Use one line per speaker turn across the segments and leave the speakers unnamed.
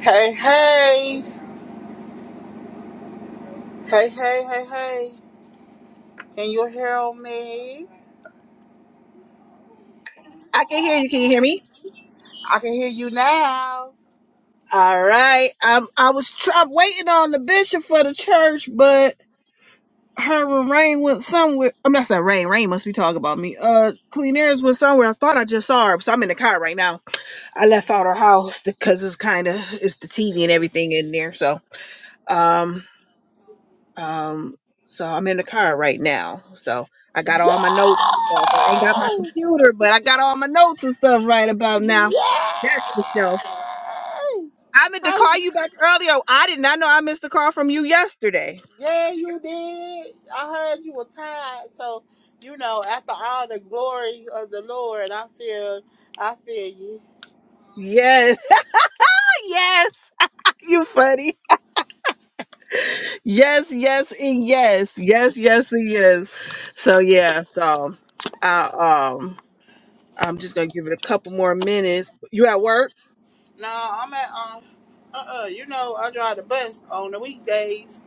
Hey, hey, hey, hey, hey, hey. Can you hear me?
I can hear you. Can you hear me?
I can hear you now.
All right. I'm, I was try, I'm waiting on the bishop for the church, but her and Rain went somewhere. I'm not saying Rain. Rain must be talking about me. Uh, Queen Eris went somewhere. I thought I just saw her, so I'm in the car right now. I
Yes,
left out her house because it's kind of it's the TV and everything in there. So um um so I'm in the car right now. So I got all my notes and stuff. I ain't got my computer, but I got all my notes and stuff right about now.
yes.
That's for sure. I meant to
Hi.
call you back earlier. I did not know I missed a call from you yesterday.
Yeah, you did. I heard you were tired. So, you know, after all the glory of the Lord, I feel, I feel you.
Yes, yes, you funny. Yes, yes, and yes, yes, yes, and yes. So yeah, so I um I'm just gonna give it a couple more minutes. You at work?
No, I'm at, um, uh-uh, you know, I drive the bus on the weekdays.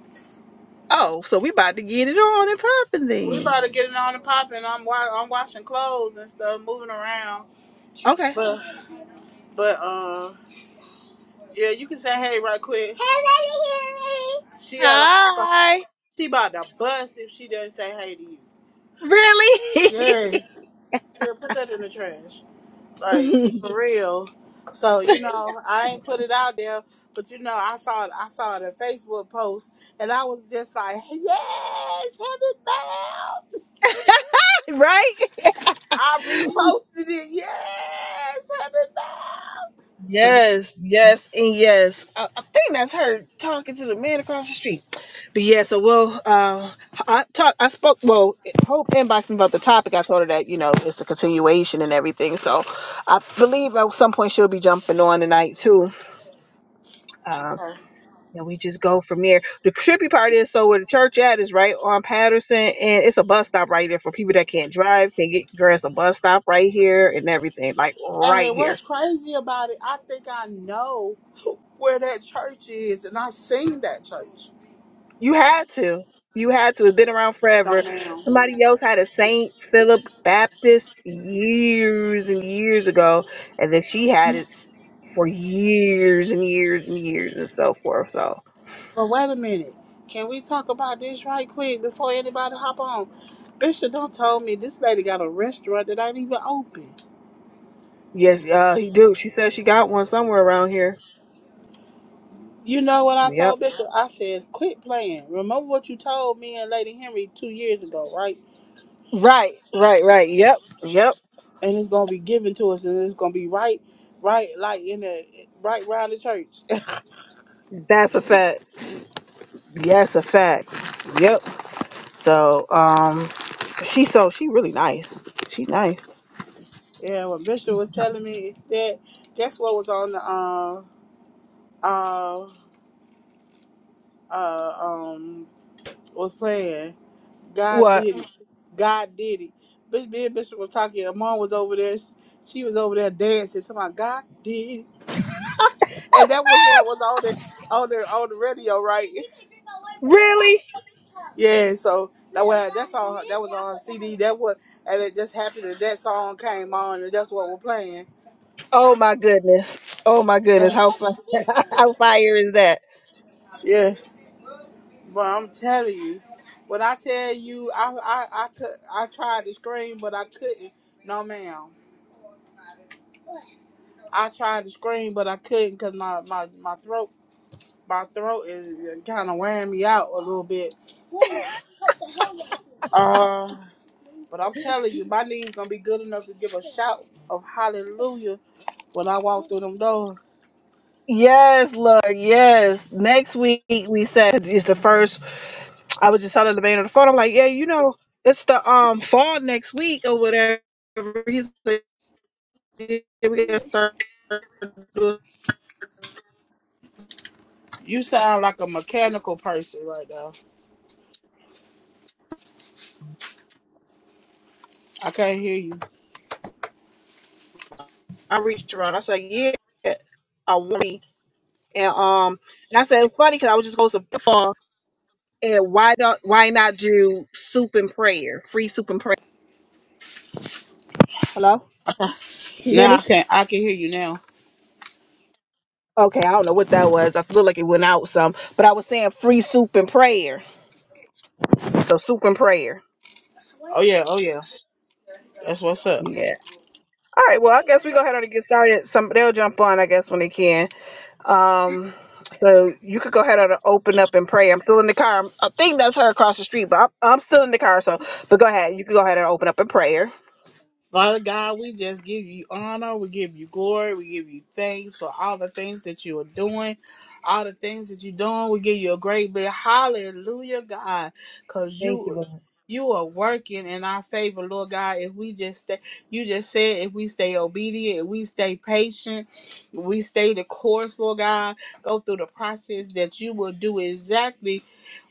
Oh, so we about to get it on and popping
We
then.
about to get it on and popping. I'm, wa- I'm washing clothes and stuff, moving around.
Okay.
But, but, uh. Yeah, you can say hey right quick. Hey, baby, hey. She yeah, like she about,
Hi.
she about to bust if she doesn't say hey to you.
Really?
Yes. Here, put that in the trash. Like for real. So you know, I ain't put it out there, but you know, I saw I saw the Facebook post, and I was just like, yes, heaven bound.
right?
I reposted it. Yes, heaven bound. Put
Yes, yes, and yes. I, I think that's her talking to the man across the street. But yeah, so we'll uh, I talk. I spoke. Well, Hope inboxed me about the topic. I told her that you know it's the continuation and everything. So I believe at some point she'll be jumping on tonight too. Um,
it.
and we just go from there. The trippy part is so where the church at is right on Patterson, and it's a bus stop right there for people that can't drive, can get. Girl, it's a bus stop right here and everything, like right
And
here.
what's crazy about it, I think I know where that church is, and I've seen that church.
You had to. You had to. It's been around
No,
forever.
ma'am.
Somebody else had a Saint Philip Baptist years and years ago, and then she had it for years and years and years and so forth. So
But wait a minute. Can we talk about this right quick before anybody hop on? Bishop don't told me this lady got a restaurant that ain't even open.
yes, uh, he do. She said she got one somewhere around here.
You know what I
Yep.
told Bishop? I says, quit playing. Remember what you told me and Lady Henry two years ago, right?
Right. Right. Right. Yep. Yep.
And it's gonna be given to us, and it's gonna be right, right, like in the right around the church.
That's a fact. Yes, a fact. Yep. So um, she so she really nice. She nice.
Yeah, when Bishop was telling me that, guess what was on the um uh uh um was playing? God
What?
did it. God did it. Bishop, me and Bishop was talking. and Mom was over there. She she was over there dancing. Talking about God did, it. and that was what was on the on the on the radio, right?
Really?
Yeah, so that was that's all. her- That was on her CD. That was, and it just happened that that song came on, and that's what we're playing.
Oh my goodness. Oh my goodness. How fun. How fire is that?
Yeah. Well, I'm telling you, when I tell you, I I I could I tried to scream, but I couldn't. No, ma'am. I tried to scream, but I couldn't because my, my my throat my throat is kind of wearing me out a little bit. Uh, but I'm telling you, my knees gonna be good enough to give a shout of hallelujah when I walk through them doors.
Yes, Lord. Yes. Next week we said it's the first. I was just telling the man on the phone. I'm like, yeah, you know, it's the um fall next week or whatever. He's like, "Yeah, we gotta start doing
You sound like a mechanical person right now. I can't hear you
outreach around. I said, yeah, I want me. And um, and I said it's funny because I was just going to fall. And why don't why not do soup and prayer, free soup and prayer? Hello, can you hear
now. I
me?
can I can hear you now.
Okay, I don't know what that was. I feel like it went out some, but I was saying free soup and prayer. So soup and prayer.
Oh yeah, oh yeah. That's what's up.
Yeah. All right. Well, I guess we go ahead on and get started. Some they'll jump on, I guess, when they can. Um. So you could go ahead on and open up and pray. I'm still in the car. I'm- I think that's her across the street, but I'm, I'm still in the car. So, but go ahead. You can go ahead and open up in prayer.
Father God, we just give you honor, we give you glory, we give you thanks for all the things that you are doing, all the things that you're doing. We give you a great big hallelujah, God, because
Thank you,
you
Lord.
you are working in our favor, Lord God. If we just stay, you just said, if we stay obedient, if we stay patient, we stay the course, Lord God, go through the process that you will do exactly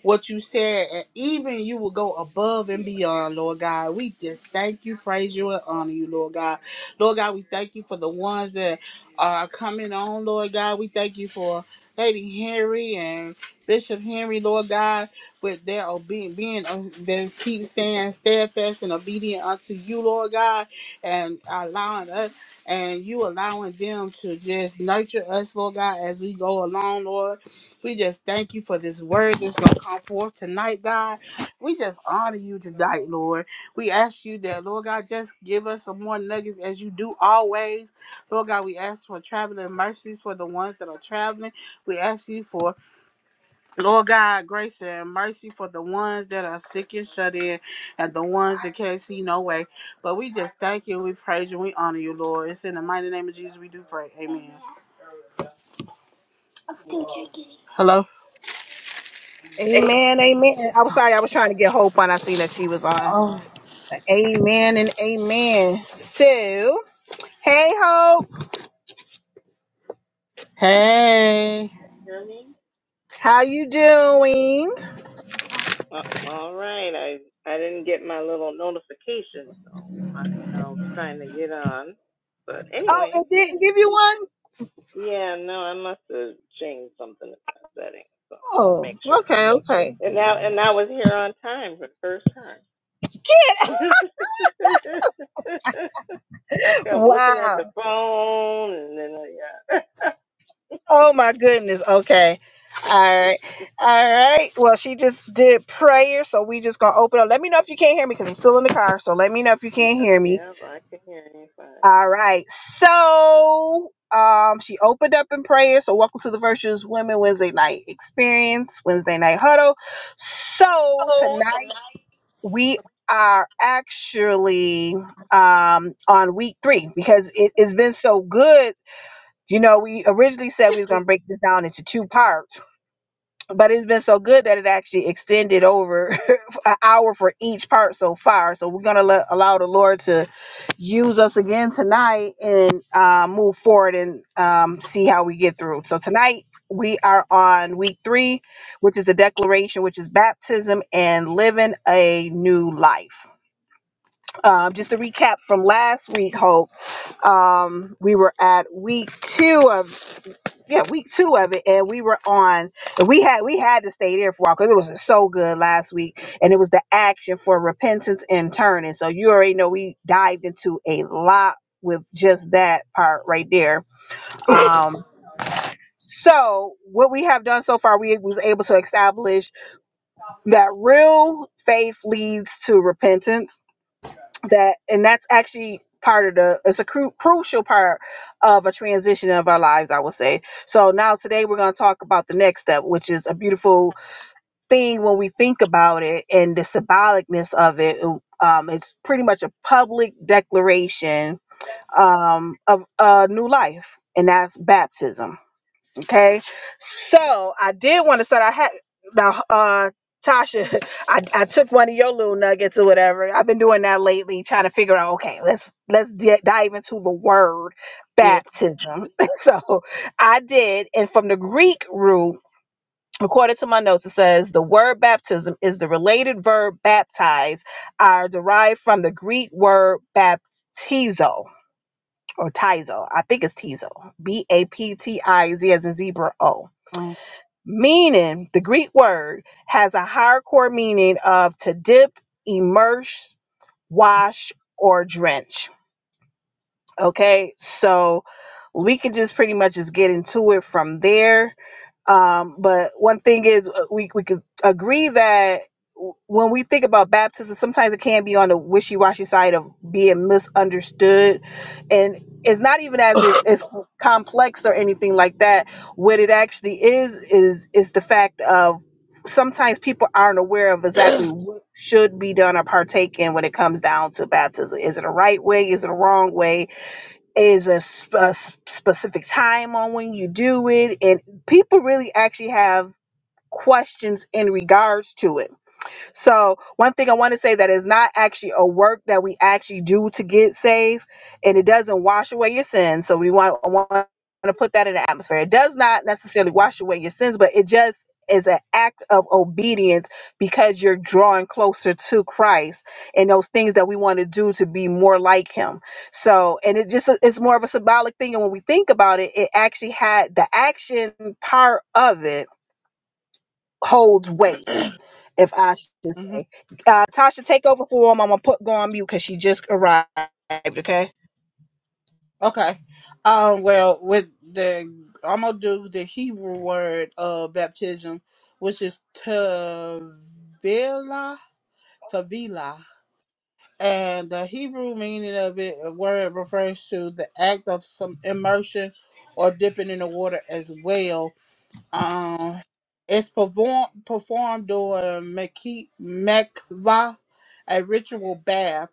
what you said, and even you will go above and beyond, Lord God. We just thank you, praise you, and honor you, Lord God. Lord God, we thank you for the ones that are coming on, Lord God. We thank you for Lady Henry and Bishop Henry, Lord God, with their obedience, being uh, they keep staying steadfast and obedient unto you, Lord God, and allowing us and you allowing them to just nurture us, Lord God, as we go along, Lord. We just thank you for this word that's going to come forth tonight, God. We just honor you tonight, Lord. We ask you that, Lord God, just give us some more nuggets as you do always. Lord God, we ask for traveling mercies for the ones that are traveling. We ask you for, Lord God, grace and mercy for the ones that are sick and shut in and the ones that can't see no way. But we just thank you, we praise you, we honor you, Lord. It's in the mighty name of Jesus we do pray. Amen. Hello?
Amen, amen. I am sorry, I was trying to get Hope on. I seen that she was on. Amen and amen. So, hey Hope,
Hey.
Hear me?
how you doing?
Uh, all right. I I didn't get my little notification, so I, I was trying to get on. But
Oh,
anyway, I'm
it
here.
didn't give you one?
Yeah, no, I must have changed something in my settings, so make
Oh,
sure.
okay, okay.
And now and I was here on time for the first time. I kept looking at the
Wow.
phone, and then I, yeah,
Oh my goodness. Okay. All right. All right. Well, she just did prayer, so we just gonna open up. Let me know if you can't hear me because I'm still in the car. So let me know if you can't
yeah,
hear me.
yeah, I can hear you
All right. So um she opened up in prayer. So welcome to the Virtuous Women Wednesday night experience, Wednesday night huddle. So tonight we are actually um on week three because it, it's been so good. You know, we originally said we was gonna break this down into two parts but it's been so good that it actually extended over an hour for each part so far. So we're gonna let, allow the Lord to use us again tonight and uh, move forward and um, see how we get through. So tonight we are on week three, which is the declaration, which is baptism and living a new life. Um, just to recap from last week, Hope, um, we were at week two of yeah, week two of it, and we were on. and We had we had to stay there for a while because it was so good last week, and it was the action for repentance and turning. So you already know we dived into a lot with just that part right there. Um, so what we have done so far, we was able to establish that real faith leads to repentance that and that's actually part of the it's a cru- crucial part of a transition of our lives i would say so now today we're going to talk about the next step which is a beautiful thing when we think about it and the symbolicness of it um, it's pretty much a public declaration um, of a new life and that's baptism Okay. So I did want to start. I had now uh Tasha, I, I took one of your little nuggets or whatever. I've been doing that lately, trying to figure out, okay, let's let's di- dive into the word
Yeah.
baptism. so I did, and from the Greek root, according to my notes, it says the word baptism is the related verb baptize, are derived from the Greek word baptizo or tizo. I think it's tizo. B A P T I Z as in zebra O
Mhm.
meaning the greek word has a higher core meaning of to dip immerse wash or drench Okay, so we could just pretty much just get into it from there. Um, but one thing is, uh, we we could agree that w- when we think about baptism, sometimes it can be on the wishy washy side of being misunderstood, and it's not even as it- as complex or anything like that. What it actually is is is the fact of sometimes people aren't aware of exactly what should be done or partake in when it comes down to baptism. Is it a right way? Is it a wrong way? is a, sp- a s- specific time on when you do it and people really actually have questions in regards to it so, one thing I want to say that is not actually a work that we actually do to get saved, and it doesn't wash away your sins. So, we want, I want to put that in the atmosphere. It does not necessarily wash away your sins, but it just is an act of obedience because you're drawing closer to Christ and those things that we want to do to be more like Him. So, and it just it's more of a symbolic thing. And when we think about it, it actually had the action part of it holds weight if I should say. Uh, Tasha, take over for him. I'm gonna put go on mute because she just arrived. Okay.
Okay. Um, well, with the I'm gonna do the Hebrew word of baptism, which is tavila, tavila, and the Hebrew meaning of it a word refers to the act of some immersion or dipping in the water as well, um, it's perform, performed during Meki- Mekva, a ritual bath.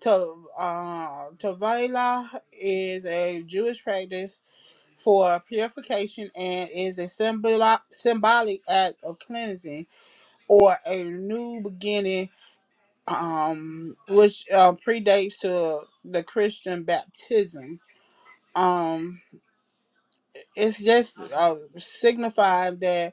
To, uh, Tevilah is a Jewish practice for purification and is a symbol- symbolic act of cleansing or a new beginning, um, which uh, predates to the Christian baptism. Um, it's just uh, signifying that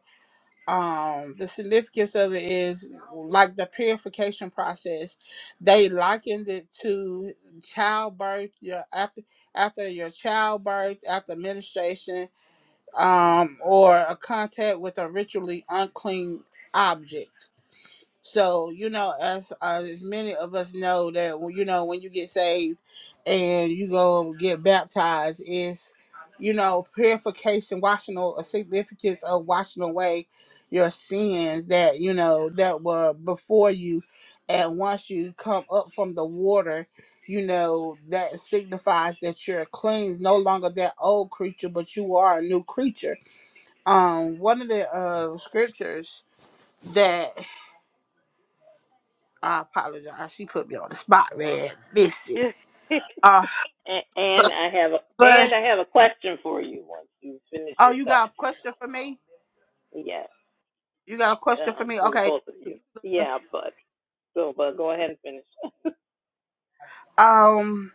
um the significance of it is like the purification process they likened it to childbirth your after after your childbirth after menstruation um or a contact with a ritually unclean object so you know, as as many of us know that when- you know when you get saved and you go get baptized, is you know purification, washing or a significance of washing away your sins that you know that were before you, and once you come up from the water, you know that signifies that you're cleansed, no longer that old creature, but you are a new creature. Um, one of the uh, scriptures that I apologize. She put me on the spot, man. Missy.
fine.
Uh,
A- And I have a
but
and I have a question for you once you finish
oh,
your
you got
thought.
a question for me?
Yeah,
You got a question for
um,
me?
for the
Okay.
both of you. Yeah, but so but go ahead and finish.
Um,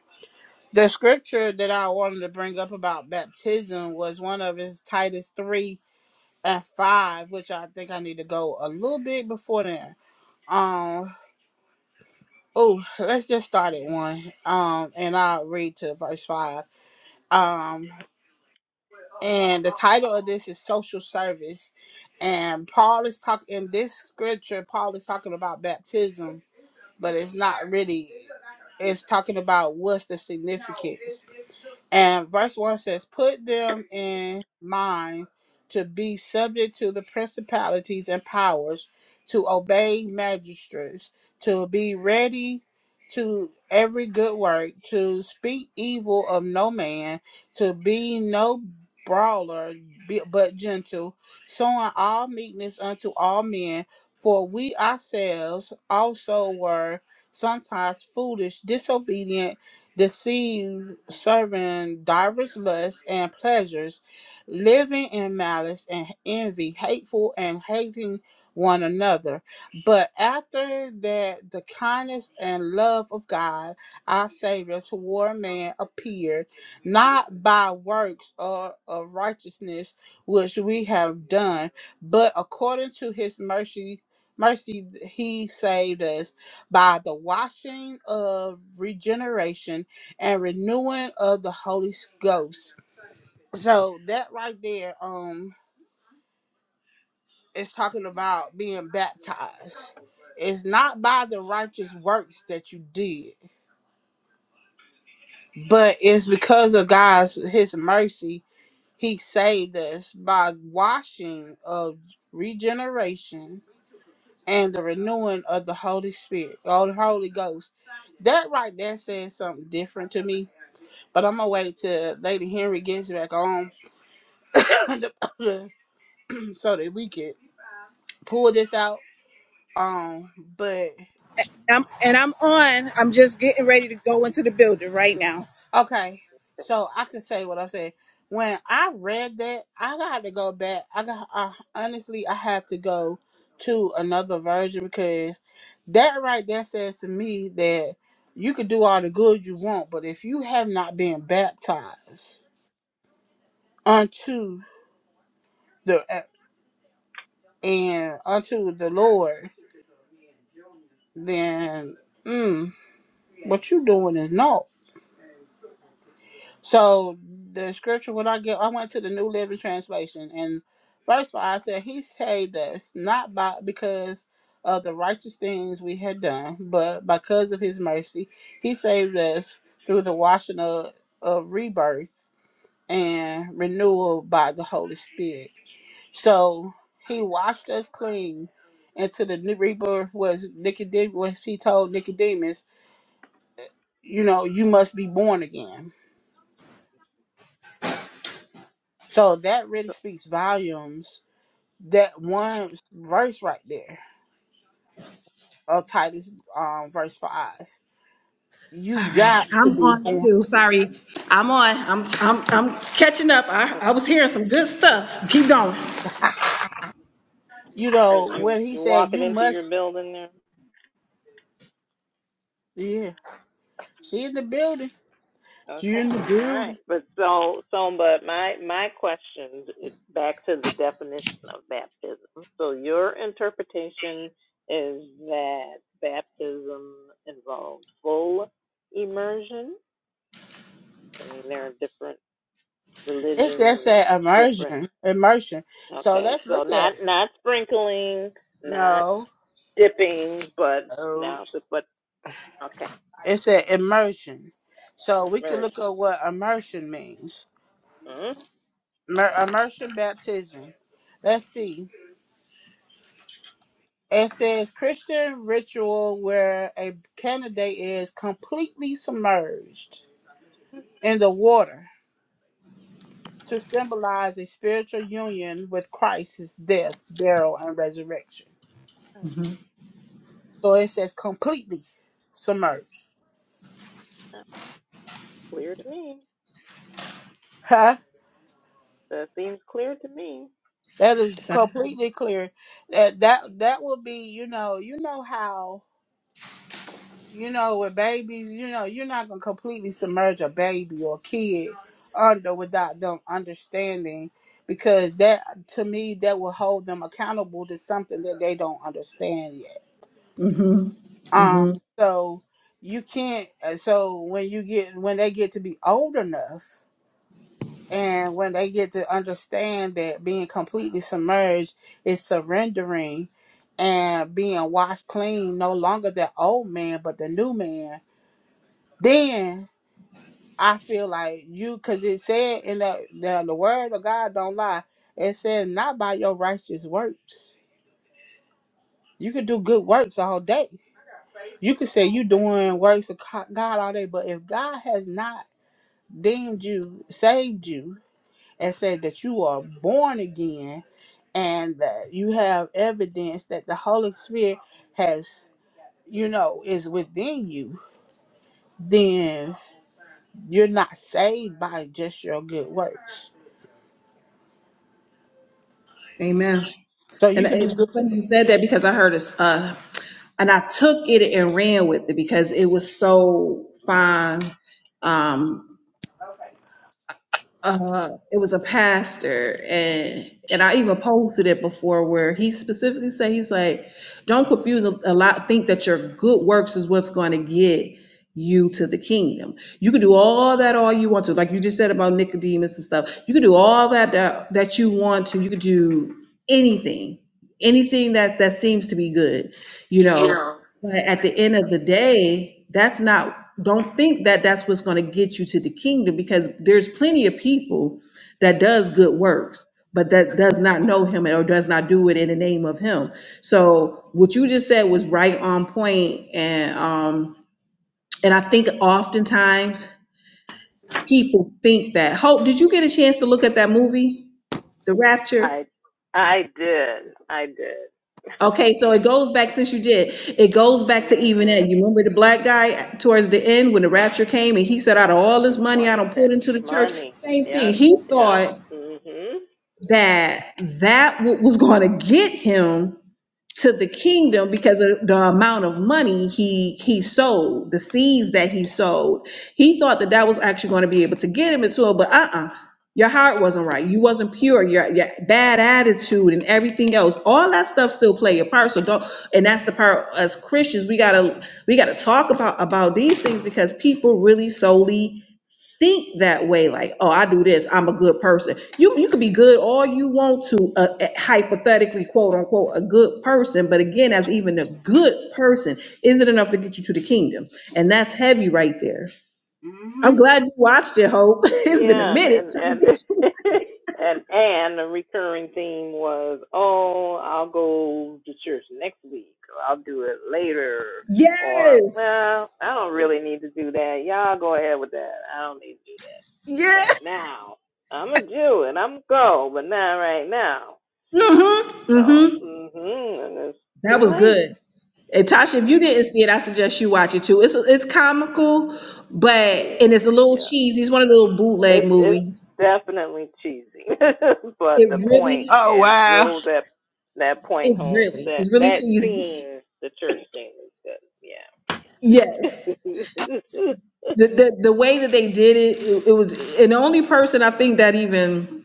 the scripture that I wanted to bring up about baptism was one of his Titus three and five, which I think I need to go a little bit before then. Um, oh, let's just start at one. Um, and I'll read to verse five. Um, And the title of this is Social Service. And Paul is talking in this scripture, Paul is talking about baptism, but it's not really, it's talking about what's the significance. And verse 1 says, Put them in mind to be subject to the principalities and powers, to obey magistrates, to be ready to every good work, to speak evil of no man, to be no brawler, be- but gentle, showing all meekness unto all men. For we ourselves also were sometimes foolish, disobedient deceived, serving divers lusts and pleasures, living in malice and envy, hateful and hating one another. But after that, the kindness and love of God, our Savior, toward man appeared, not by works or of righteousness which we have done, but according to His mercy. Mercy, he saved us by the washing of regeneration and renewing of the Holy Ghost. So that right there, um, is talking about being baptized. It's not by the righteous works that you did, but it's because of God's His mercy. He saved us by washing of regeneration and the renewing of the Holy Spirit, or the Holy Ghost. That right there says something different to me. But I'm gonna wait till Lady Henry gets back on so that we could pull this out. Um, but
I'm, and I'm on. I'm just getting ready to go into the building right now.
okay, so I can say what I said. When I read that, I got to go back. I got I, honestly, I have to go to another version because that right there says to me that you could do all the good you want, but if you have not been baptized unto the and unto the Lord, then mm, what you doing is naught. So the scripture when I get I went to the New Living Translation and first of all I said he saved us not by because of the righteous things we had done, but because of his mercy. He saved us through the washing of, of rebirth and renewal by the Holy Spirit. So he washed us clean into the new rebirth was Nicodemus was he told Nicodemus, you know, you must be born again. So that really speaks volumes that one verse right there of Titus um verse five. You
All right,
got to
I'm
be
on
born.
too. Sorry, I'm on. I'm I'm I'm catching up. I I was hearing some good stuff. Keep going.
You
Are
know,
you
when he
you
said
walking
you
into your
must
building there?
yeah, she in the building. She
Okay,
in the
all right.
building.
But so so but my my question is back to the definition of baptism. So your interpretation is that baptism involves full immersion. I mean, there are different
It's that
religions
said
and different.
immersion. Immersion. So
Okay,
let's
so
look at
not
it.
not sprinkling, not
No.
dipping, but
No.
now, but, but okay,
It said immersion. So we can
merge.
look at what immersion means.
Mm,
Immer- Immersion baptism. Let's see. It says Christian ritual where a candidate is completely submerged in the water to symbolize a spiritual union with Christ's death, burial, and resurrection. So it says completely submerged.
that's clear to me.
Huh?
That seems clear to me.
That is
So.
completely clear. That that that will be, you know, you know how you know, with babies, you know, you're not gonna completely submerge a baby or kid under without them understanding because that to me that will hold them accountable to something that they don't understand yet.
Mhm.
Um
Mhm.
so you can't uh, so when you get when they get to be old enough and when they get to understand that being completely submerged is surrendering and being washed clean no longer the old man but the new man then I feel like you, because it said in the, the the word of God don't lie. It says not by your righteous works. You could do good works all day. You could say you doing works of co- God all day, but if God has not deemed you, saved you, and said that you are born again, and that you have evidence that the Holy Spirit has, you know, is within you, then you're not saved by just your good works.
Amen.
So you
And it-
could be good.
it's funny you said that because I heard it. Uh, and I took it and ran with it because it was so fine Um. uh, it was a pastor and and I even posted it before where he specifically said he's like, don't confuse a, a lot, think that your good works is what's going to get you to the kingdom. You can do all that all you want to, like you just said about Nicodemus and stuff. You can do all that that, that you want to. You could do anything, anything that that seems to be good, you know. But at the end of the day, that's not, don't think that that's what's going to get you to the kingdom because there's plenty of people that does good works, but that does not know him or does not do it in the name of him. So what you just said was right on point and um and I think oftentimes people think that Hope, did you get a chance to look at that movie, The Rapture?
I I did. I did.
Okay, so it goes back, since you did, it goes back to even that.
Mhm.
You remember the black guy towards the end when the rapture came and he said, out of all
He
this money I
wanted
don't
that
put into the church,
money.
same thing.
Yep.
He
Yep.
thought
Mhm.
that that what was going to get him to the
Mhm.
kingdom because of the amount of money he he sold, the seeds that he sold. He thought that that was actually going to be able to get him into it, but uh-uh. Your heart wasn't right. You wasn't pure. Your, your bad attitude and everything else. All that stuff still play a part. So don't. And that's the part as Christians we gotta we gotta talk about about these things because people really solely think that way, like, oh, I do this, I'm a good person. You you could be good all you want to, uh, uh, hypothetically, quote unquote, a good person. But again, as even a good person, is it enough to get you to the kingdom? And that's heavy right there. I'm glad you watched it, Hope. It's been a
Yeah, and
minute
and
trying
and
to get you.
and, and the recurring theme was, oh, I'll go to church next week, or I'll do it later, or
Yes,
well, I don't really need to do that. Y'all go ahead with that. I don't need to do that
yeah.
right now. I'm a Jew and I'm go, but not right now.
Mm-hmm.
So,
Mm-hmm.
mhm, and it's
That
too
was
late.
good. And Tasha, if you
Yeah,
didn't see it, I suggest you watch it too. It's it's comical, but
yeah,
and it's a little
yeah.
cheesy. It's one of the little bootleg
It's it's
movies.
definitely cheesy, but the
It
point
really
Oh
it
wow!
drove that that point
is
home.
really
That
it's really
that
too
scene, the church scene, was
Yes,
good. Yeah.
the the the way that they did it, it, it was, and the only person I think that even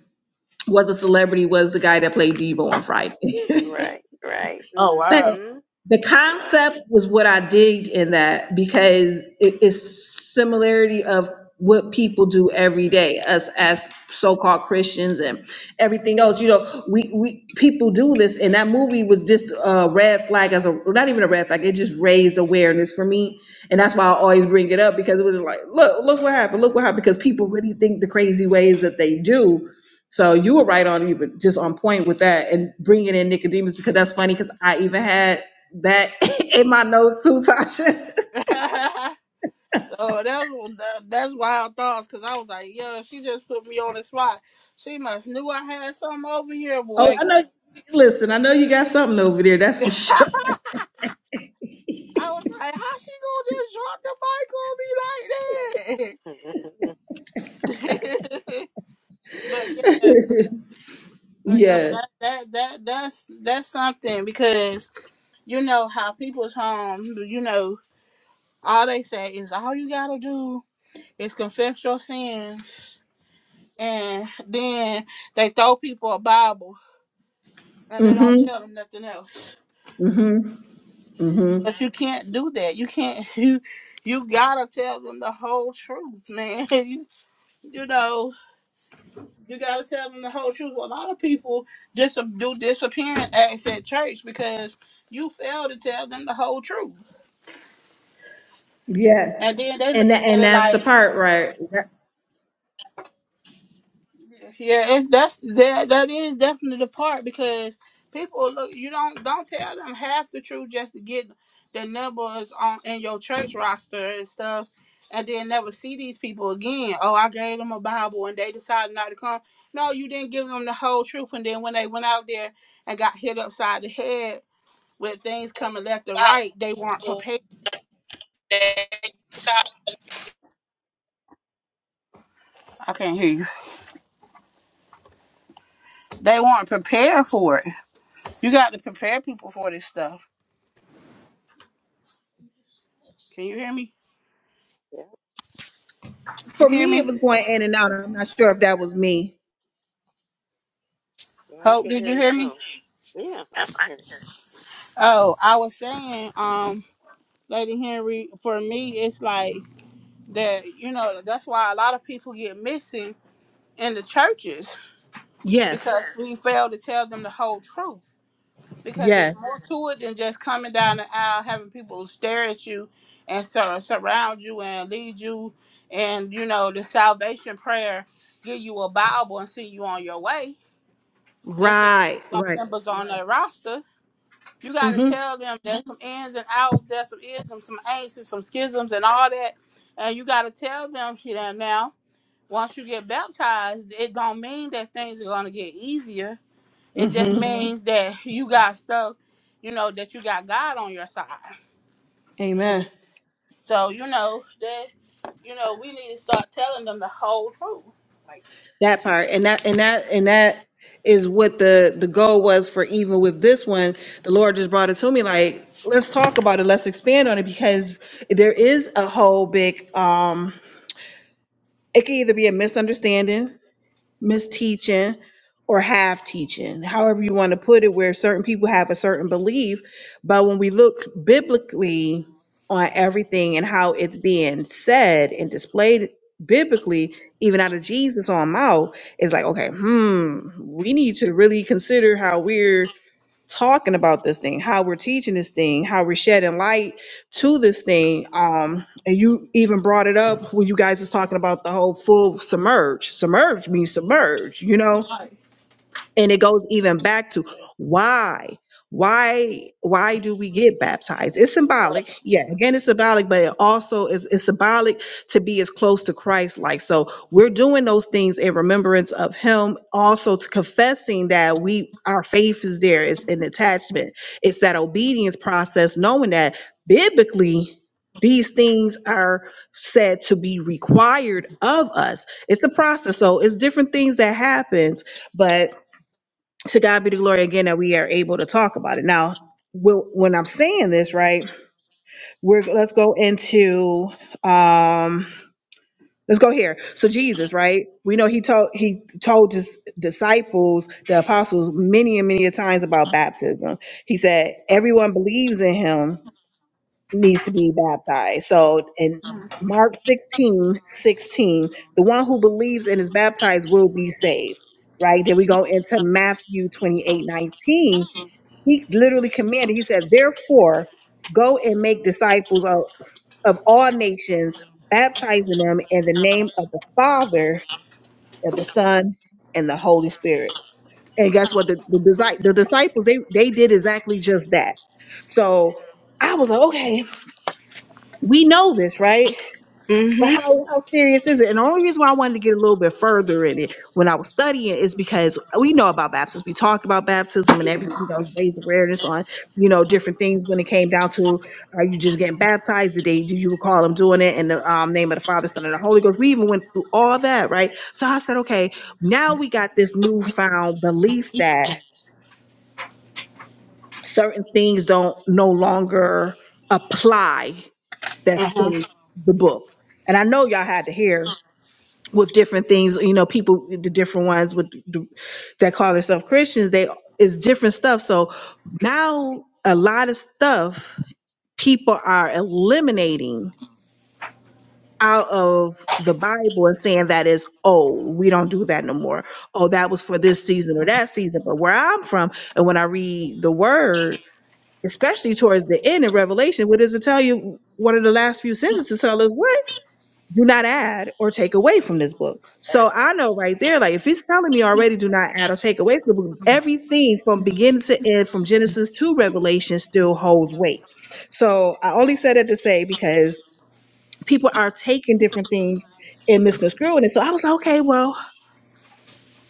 was a celebrity was the guy that played Devo on Friday.
right. Right.
Oh
But
wow!
Mhm.
the
Yep.
concept was what I digged in that because it is similarity of what people do every day, us as so-called Christians and everything else. You know, we we people do this, and that movie was just a red flag as a not even a red flag. It just raised awareness for me, and that's why I always bring it up because it was like, look, look what happened, look what happened, because people really think the crazy ways that they do. So you were right on, you were just on point with that and bringing in Nicodemus because that's funny because I even had that in my notes too, Tasha.
so that was, that, that's wild thoughts because I was like, yo, she just put me on the spot. She must knew I had something over here,
Oh,
boy.
I know. Listen, I know you got something over there. That's for
I
sure.
was like, how she gonna
Mhm.
just drop the mic on me like that? but yeah, but yo,
Yeah.
that that that that's that's something because you know how people's home, you know, all they say is all you gotta do is confess your sins and then they throw people a Bible and they don't
Mm-hmm.
tell them nothing else.
Mm-hmm. Mm-hmm.
But you can't do that. You can't. You you gotta tell them the whole truth, man. You, you know you gotta tell them the whole truth. A lot of people just do disappearing acts at church because you fail to tell them the whole truth,
Yes.
and then they look
And that,
at
and
it
that's the
like.
part, right? That-
Yeah, it's that's that that is definitely the part because people look you don't don't tell them half the truth just to get the numbers on in your church roster and stuff and then never see these people again. Oh, I gave them a Bible and they decided not to come. No, you didn't give them the whole truth and then when they went out there and got hit upside the head with things coming left and right, they weren't prepared. I can't hear you. They weren't prepared for it. You got to prepare people for this stuff. Can you hear me?
yep.
You
For
can hear
me, it
me?
was going in and out. I'm not sure if that was me.
Well, I
Hope,
can
did
hear
you
you
hear me?
now. Yeah, I can hear
Oh, I was saying, um, Lady Henry, for me, it's like that, you know, that's why a lot of people get missing in the churches
Yes.
because we fail to tell them the whole truth. Because it's
Yes.
more to it than just coming down the aisle, having people stare at you and sur- surround you and lead you, and you know the salvation prayer, give you a Bible and send you on your way. Just so you
Right.
do
Right.
members on their roster. You got to
Mm-hmm.
tell them there's some ins and outs, there's some isms, some ain'ts, some schisms, and all that. And you got to tell them, shit, and now, once you get baptized, it don't mean that things are going to get easier. It just
Mm-hmm.
Mhm. means that you got stuff, you know, that you got God on your side.
Amen.
So, you know, that, you know, we need to start telling them the whole truth. Like,
That part and that and that and that is what the the goal was for even with this one. The Lord just brought it to me like let's talk about it, let's expand on it because there is a whole big um it can either be a misunderstanding misteaching or half teaching, however you want to put it, where certain people have a certain belief. But when we look biblically on everything and how it's being said and displayed biblically, even out of Jesus own mouth, it's like, okay, hmm, we need to really consider how we're talking about this thing, how we're teaching this thing, how we're shedding light to this thing. Um, and you even brought it up when you guys was talking about the whole full submerge. Submerge means submerge, you know? and it goes even back to why why why do we get baptized it's symbolic yeah again it's symbolic but it also is it's symbolic to be as close to christ like so we're doing those things in remembrance of him also to confessing that we our faith is there it's an attachment it's that obedience process knowing that biblically these things are said to be required of us it's a process so it's different things that happens but to God be the glory again that we are able to talk about it. Now, wh- when I'm saying this, right, we're let's go into um let's go here. So Jesus, right? We know he told he told his disciples, the apostles, many and many a times about baptism. He said, everyone believes in him needs to be baptized. So in Mark 16 16, the one who believes and is baptized will be saved. Right. Then we go into Matthew 28 19. He literally commanded, he says, therefore, go and make disciples of, of all nations, baptizing them in the name of the Father, of the Son, and the Holy Spirit. And guess what? The, the, disi- the disciples, they, they did exactly just that. So I was like, okay, we know this, right? But
hmm
how how serious is it? And the only reason why I wanted to get a little bit further in it when I was studying is because we know about baptism. We talked about baptism and everything else, raised awareness on you know different things when it came down to are you just getting baptized? Did they do you recall them doing it in the um, name of the Father, Son, and the Holy Ghost? We even went through all that, right? So I said, okay, now we got this newfound belief that certain things don't no longer apply that's in the book. And I know y'all had to hear with different things you know people the different ones with the, that call themselves christians they it's different stuff so now a lot of stuff people are eliminating out of the bible and saying that is old we don't do that no more oh that was for this season or that season but where i'm from and when i read the word especially towards the end of revelation what does it tell you one of the last few sentences tell us what do not add or take away from this book. So I know right there, like if he's telling me already, do not add or take away from the book, everything from beginning to end, from Genesis to Revelation, still holds weight. So I only said that to say because people are taking different things and misconstruing it. So I was like, okay, well,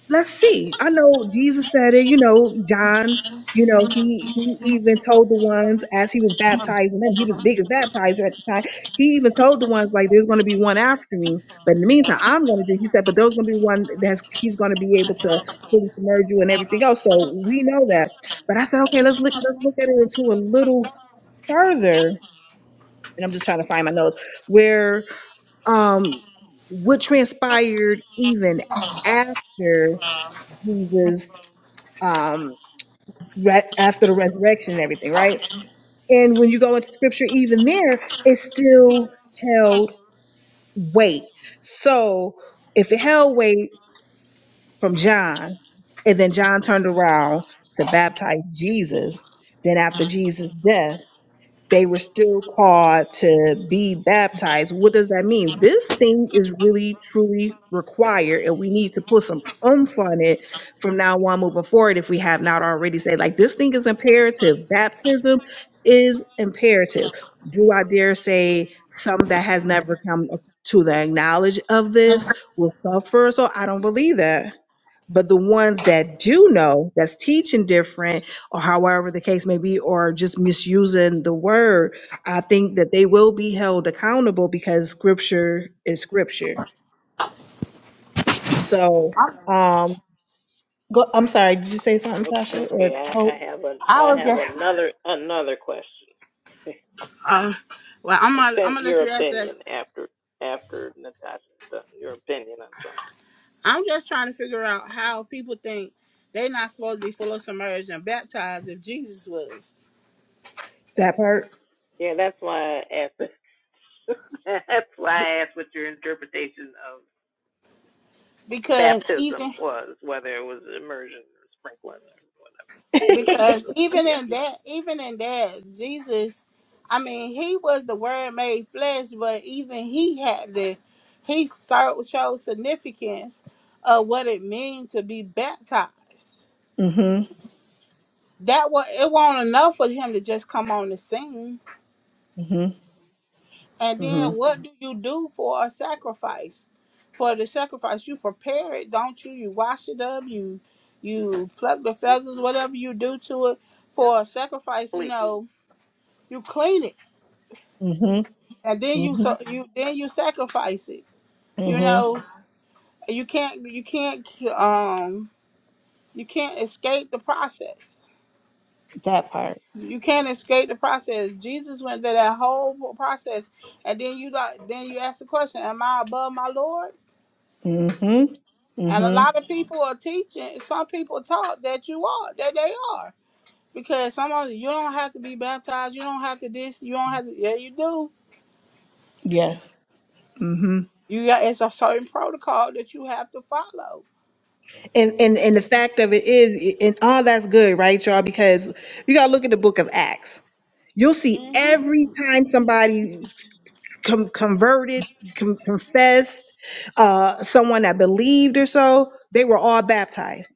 let's see. I know Jesus said it, you know, John, you know, he he even told the ones as he was baptizing them, he was the biggest baptizer at the time. He even told the ones like there's gonna be one after me, but in the meantime, I'm gonna do he said, but there's gonna be one that's he's gonna be able to fully submerge you and everything else. So we know that. But I said, okay, let's look let's look at it into a little further. And I'm just trying to find my notes where um what transpired even after Jesus um, re- after the resurrection and everything, right? And when you go into scripture, even there, it still held weight. So if it held weight from John, and then John turned around to baptize Jesus, then after Jesus' death, they were still called to be baptized. What does that mean? This thing is really, truly required, and we need to put some oomph on it from now on moving forward if we have not already said, like, this thing is imperative. Baptism is imperative. Do I dare say some that has never come to the knowledge of this will suffer? So I don't believe that. But the ones that do know, that's teaching different, or however the case may be, or just misusing the word, I think that they will be held accountable because scripture is scripture. So, um, go, I'm sorry, did you say something,
you. O-
Tasha, or
Okay. I,
Hope?
I have a
I
I
was
have
getting,
another another question.
um, well, I'm gonna, I'm
Opin-
gonna let
your
you ask that
opinion after after Natasha's done. Your opinion on something.
I'm just trying to figure out how people think they're not supposed to be full of submerged and baptized if Jesus was.
That part?
Yeah, that's why I asked. that's why
Be-
I asked what your interpretation of
because
baptism
even
was, whether it was immersion or sprinkling or whatever. 'Cause,
because even
yeah,
in that even in that Jesus, I mean, he was the Word made flesh, but even he had the he so- showed significance of what it means to be baptized.
mm-hmm,
That was it. wasn't enough for him to just come on the scene
mm-hmm,
And
mm-hmm,
then what do you do for a sacrifice? For the sacrifice, you prepare it, don't you? You wash it up, you you pluck the feathers, whatever you do to it
yeah,
for a sacrifice, you
complete
know, you clean it.
mm-hmm,
And then you so
mm-hmm,
you then you sacrifice it. You
mm-hmm,
know, you can't you can't um you can't escape the process.
that part.
You can't escape the process. Jesus went through that whole process, and then you like then you ask the question, "Am I above my Lord?"
Mm-hmm,
And a
mm-hmm,
lot of people are teaching. Some people taught that you are that they are because some of you don't have to be baptized. You don't have to this. You don't have to. Yeah, you do.
yes. Mm-hmm.
You got it's a certain protocol that you have to follow.
And, and and the fact of it is, and all that's good, right, y'all? Because you gotta look at the book of Acts You'll see
hmm
every time somebody com- converted, com- confessed, uh, someone that believed or so, they were all baptized.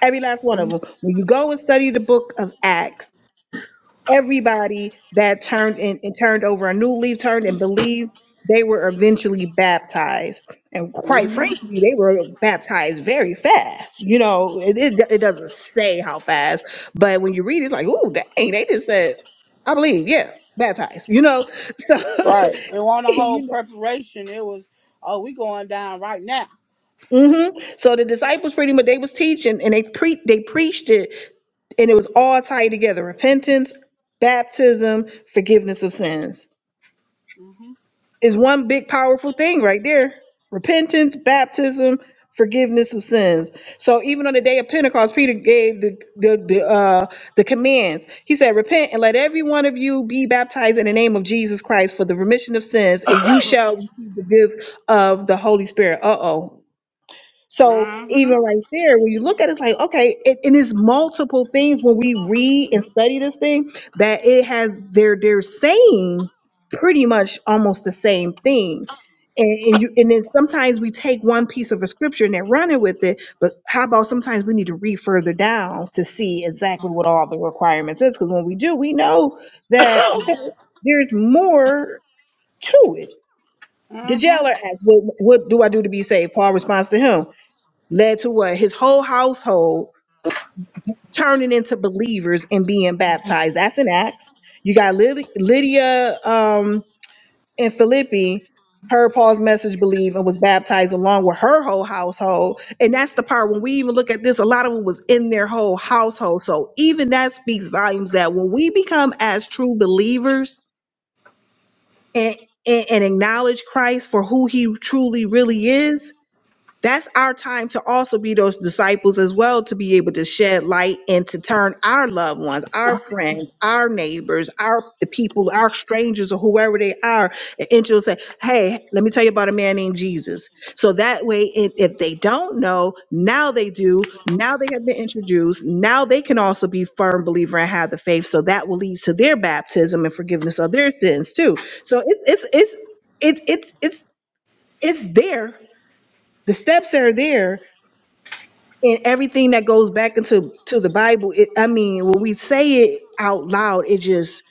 Every last one of them. When you go and study the book of Acts, everybody that turned and, and turned over a new leaf, turned and believed, they were eventually baptized. And quite
hmm
frankly, they were baptized very fast. You know, it, it, it doesn't say how fast, but when you read it, it's like, oh, dang, they just said, I believe, yeah, baptized, you know? So,
Right. It wasn't a whole
you
preparation. It was oh we going down right now.
know. hmm So the disciples pretty much they was teaching and they pre they preached it and it was all tied together repentance baptism forgiveness of sins
hmm
is one big powerful thing right there repentance baptism forgiveness of sins so even on the day of pentecost peter gave the the, the uh the commands he said repent and let every one of you be baptized in the name of jesus christ for the remission of sins and you shall receive the gifts of the holy spirit uh-oh so
hmm
even right there, when you look at it, it's like, okay, it, and it's multiple things when we read and study this thing that it has they're they're saying pretty much almost the same thing. And, and you and then sometimes we take one piece of a scripture and they're running with it, but how about sometimes we need to read further down to see exactly what all the requirements is? Because when we do, we know that okay, there's more to it. The
hmm
jailer asked, "What what do I do to be saved?" Paul responds to him led to what his whole household turning into believers and being baptized. That's an act. You got Lyd- Lydia um, and Philippi heard Paul's message, believe, and was baptized along with her whole household. And that's the part when we even look at this, a lot of them was in their whole household. So even that speaks volumes that when we become as true believers and and and acknowledge Christ for who he truly really is, That's our time to also be those disciples as well, to be able to shed light and to turn our loved ones, our friends, our neighbors, our the people, our strangers, or whoever they are, and into and say, "Hey, let me tell you about a man named Jesus." So that way, if, if they don't know, now they do. Now they have been introduced. Now they can also be firm believer and have the faith. So that will lead to their baptism and forgiveness of their sins too. So it's it's it's it's it's it's it's there. The steps are there and everything that goes back into to the bible it, i mean when we say it out loud it just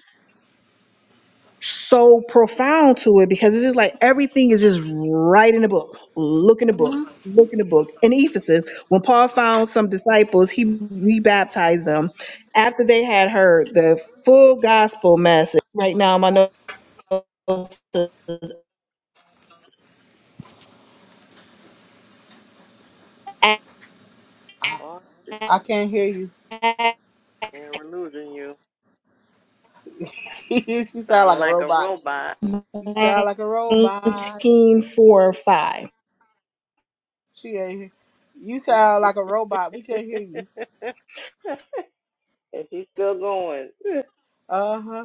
so profound to it because it's just like everything is just right in the book look in the book look in the book in ephesus when paul found some disciples he rebaptized them after they had heard the full gospel message right now my notes are
lost and
I can't hear you.
and we're losing you.
you sound
Sound
like a
like a
robot.
robot.
You sound like a robot.
19 4 or 5
She ain't here. You
and
sound like a robot. We can't hear you.
she's still going.
Uh huh.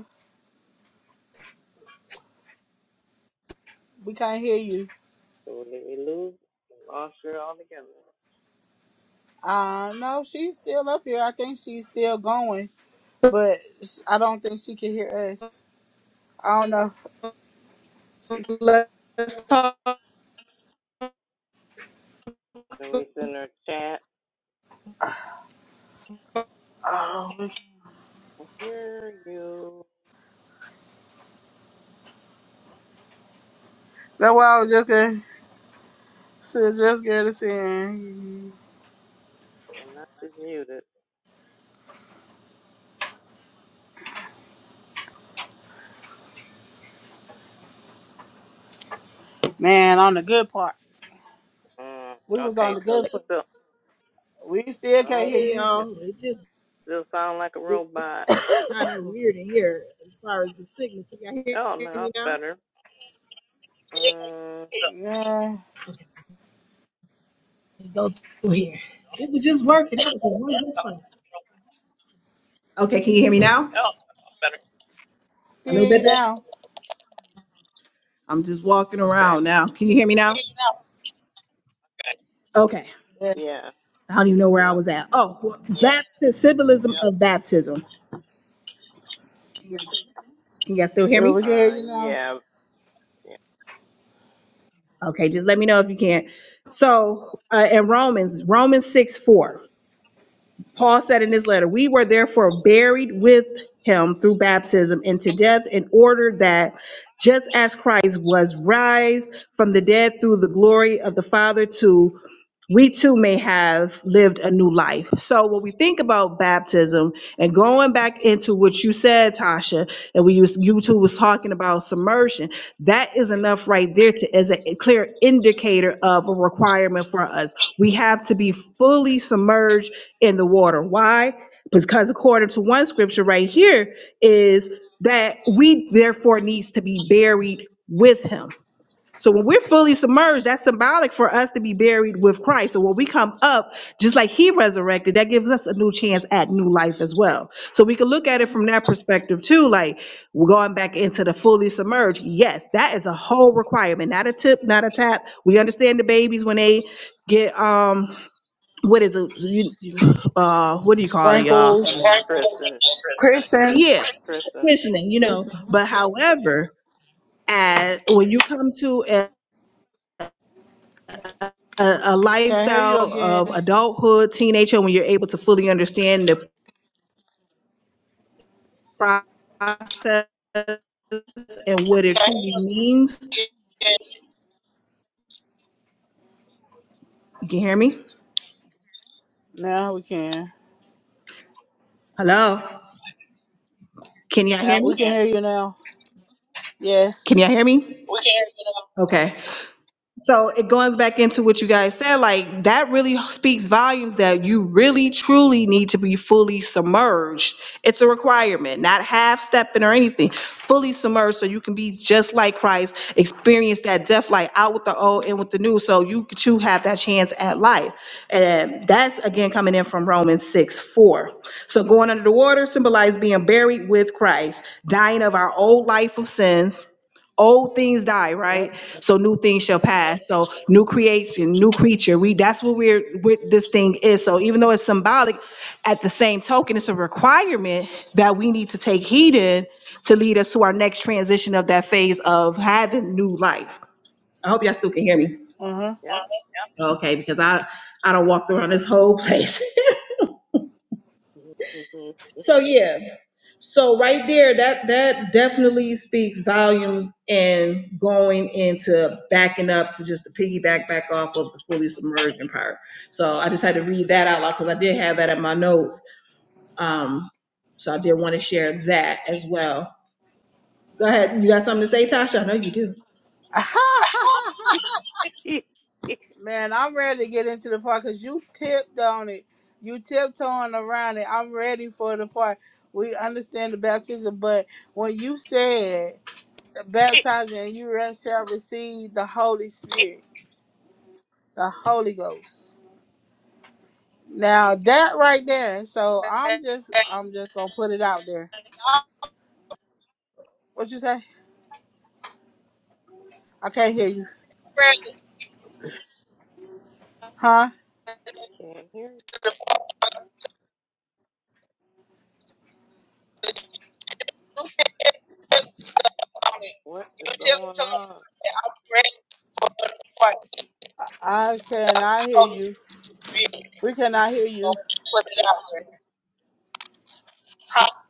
We can't hear you.
So did we lose? Lost her altogether.
Uh, no, she's still up here. I think she's still going, but sh- I don't think she can hear us. I don't know.
So let's talk
So we send her a chat.
Oh,
I hear you.
that's why I was just there, so just there to see.
I'm not just muted.
Man, on the good part,
Mm,
we was on
okay,
the
so he
good part.
still,
We still can't
no,
hear
Hey
you.
it
y'all. It just
still sound like a
it's
robot.
kind of weird in here as far as the signal. Can y'all hear
Oh no,
me
that's
now?
better. Um,
Yeah,
Okay, let me go through here. It was just working. It was working just fine. Okay, can you hear me now?
we
A
can
little
hear
bit
you
better.
now.
I'm just walking
okay,
around now. Can you hear me now? Okay.
Yeah,
yeah,
I don't even know where I
yep,
was at. Oh, baptism, symbolism of baptism.
Yeah,
Can y'all still hear
we
me?
can hear
uh,
you now.
yeah, yeah,
Okay, just let me know if you can't. So uh, in Romans, Romans 6 4. Paul said in his letter, We were therefore buried with him through baptism into death, in order that just as Christ was raised from the dead through the glory of the Father, too, we too may have lived a new life. So when we think about baptism and going back into what you said, Tasha, and we used, you two was talking about submersion, that is enough right there to as a clear indicator of a requirement for us. We have to be fully submerged in the water. Why? Because according to one scripture right here is that we therefore needs to be buried with him. So when we're fully submerged, that's symbolic for us to be buried with Christ. So when we come up, just like he resurrected, that gives us a new chance at new life as well. So we can look at it from that perspective too, like we're going back into the fully submerged. Yes, that is a whole requirement, not a tip, not a tap. We understand the babies when they get um what is it? You, you- uh, what do you call it, y'all?
Chris,
Sprinkles,
Chris, and
Kristen,
Yeah,
Chris, and
questioning, you know.
Kristen,
But however, as when you come to a, a, a
can I hear
lifestyle
you
of
again?
adulthood, teenager, when you're able to fully understand the process and what it truly means, you can hear me?
Now we can.
Hello? Can y'all hear
We can
me?
hear you now.
Can
Yes.
y'all hear me? Okay. So it goes back into what you guys said, like that really speaks volumes that you really truly need to be fully submerged. It's a requirement, not half stepping or anything. Fully submerged so you can be just like Christ, experience that death light out with the old and with the new, so you too have that chance at life. And that's again coming in from Romans 6 4. So going under the water symbolized being buried with Christ, dying of our old life of sins old things die,
Yep.
right? So new things shall pass. So new creation, new creature. We that's what we're what this thing is. So even though it's symbolic, at the same token, it's a requirement that we need to take heed in to lead us to our next transition of that phase of having new life. I hope y'all still can hear me.
Uh huh.
yep.
Okay, because I I don't walk around this whole place.
hmm
So yeah, so right there, that that definitely speaks volumes and going into backing up to just the piggyback back off of the fully submerged empire. So I just had to read that out loud because I did have that in my notes. Um, so I did want to share that as well. Go ahead. You got something to say, Tasha? I know you do.
Man, I'm ready to get into the part because you tipped on it. You tiptoeing around it. I'm ready for the part. We understand the baptism, but when you said baptizing and you re- shall receive the Holy Spirit, the Holy Ghost. Now that right there, so I'm just I'm just gonna put it out there. What you say? I can't hear you. Huh?
Can't hear you. what is going on.
I cannot hear you. We cannot hear you.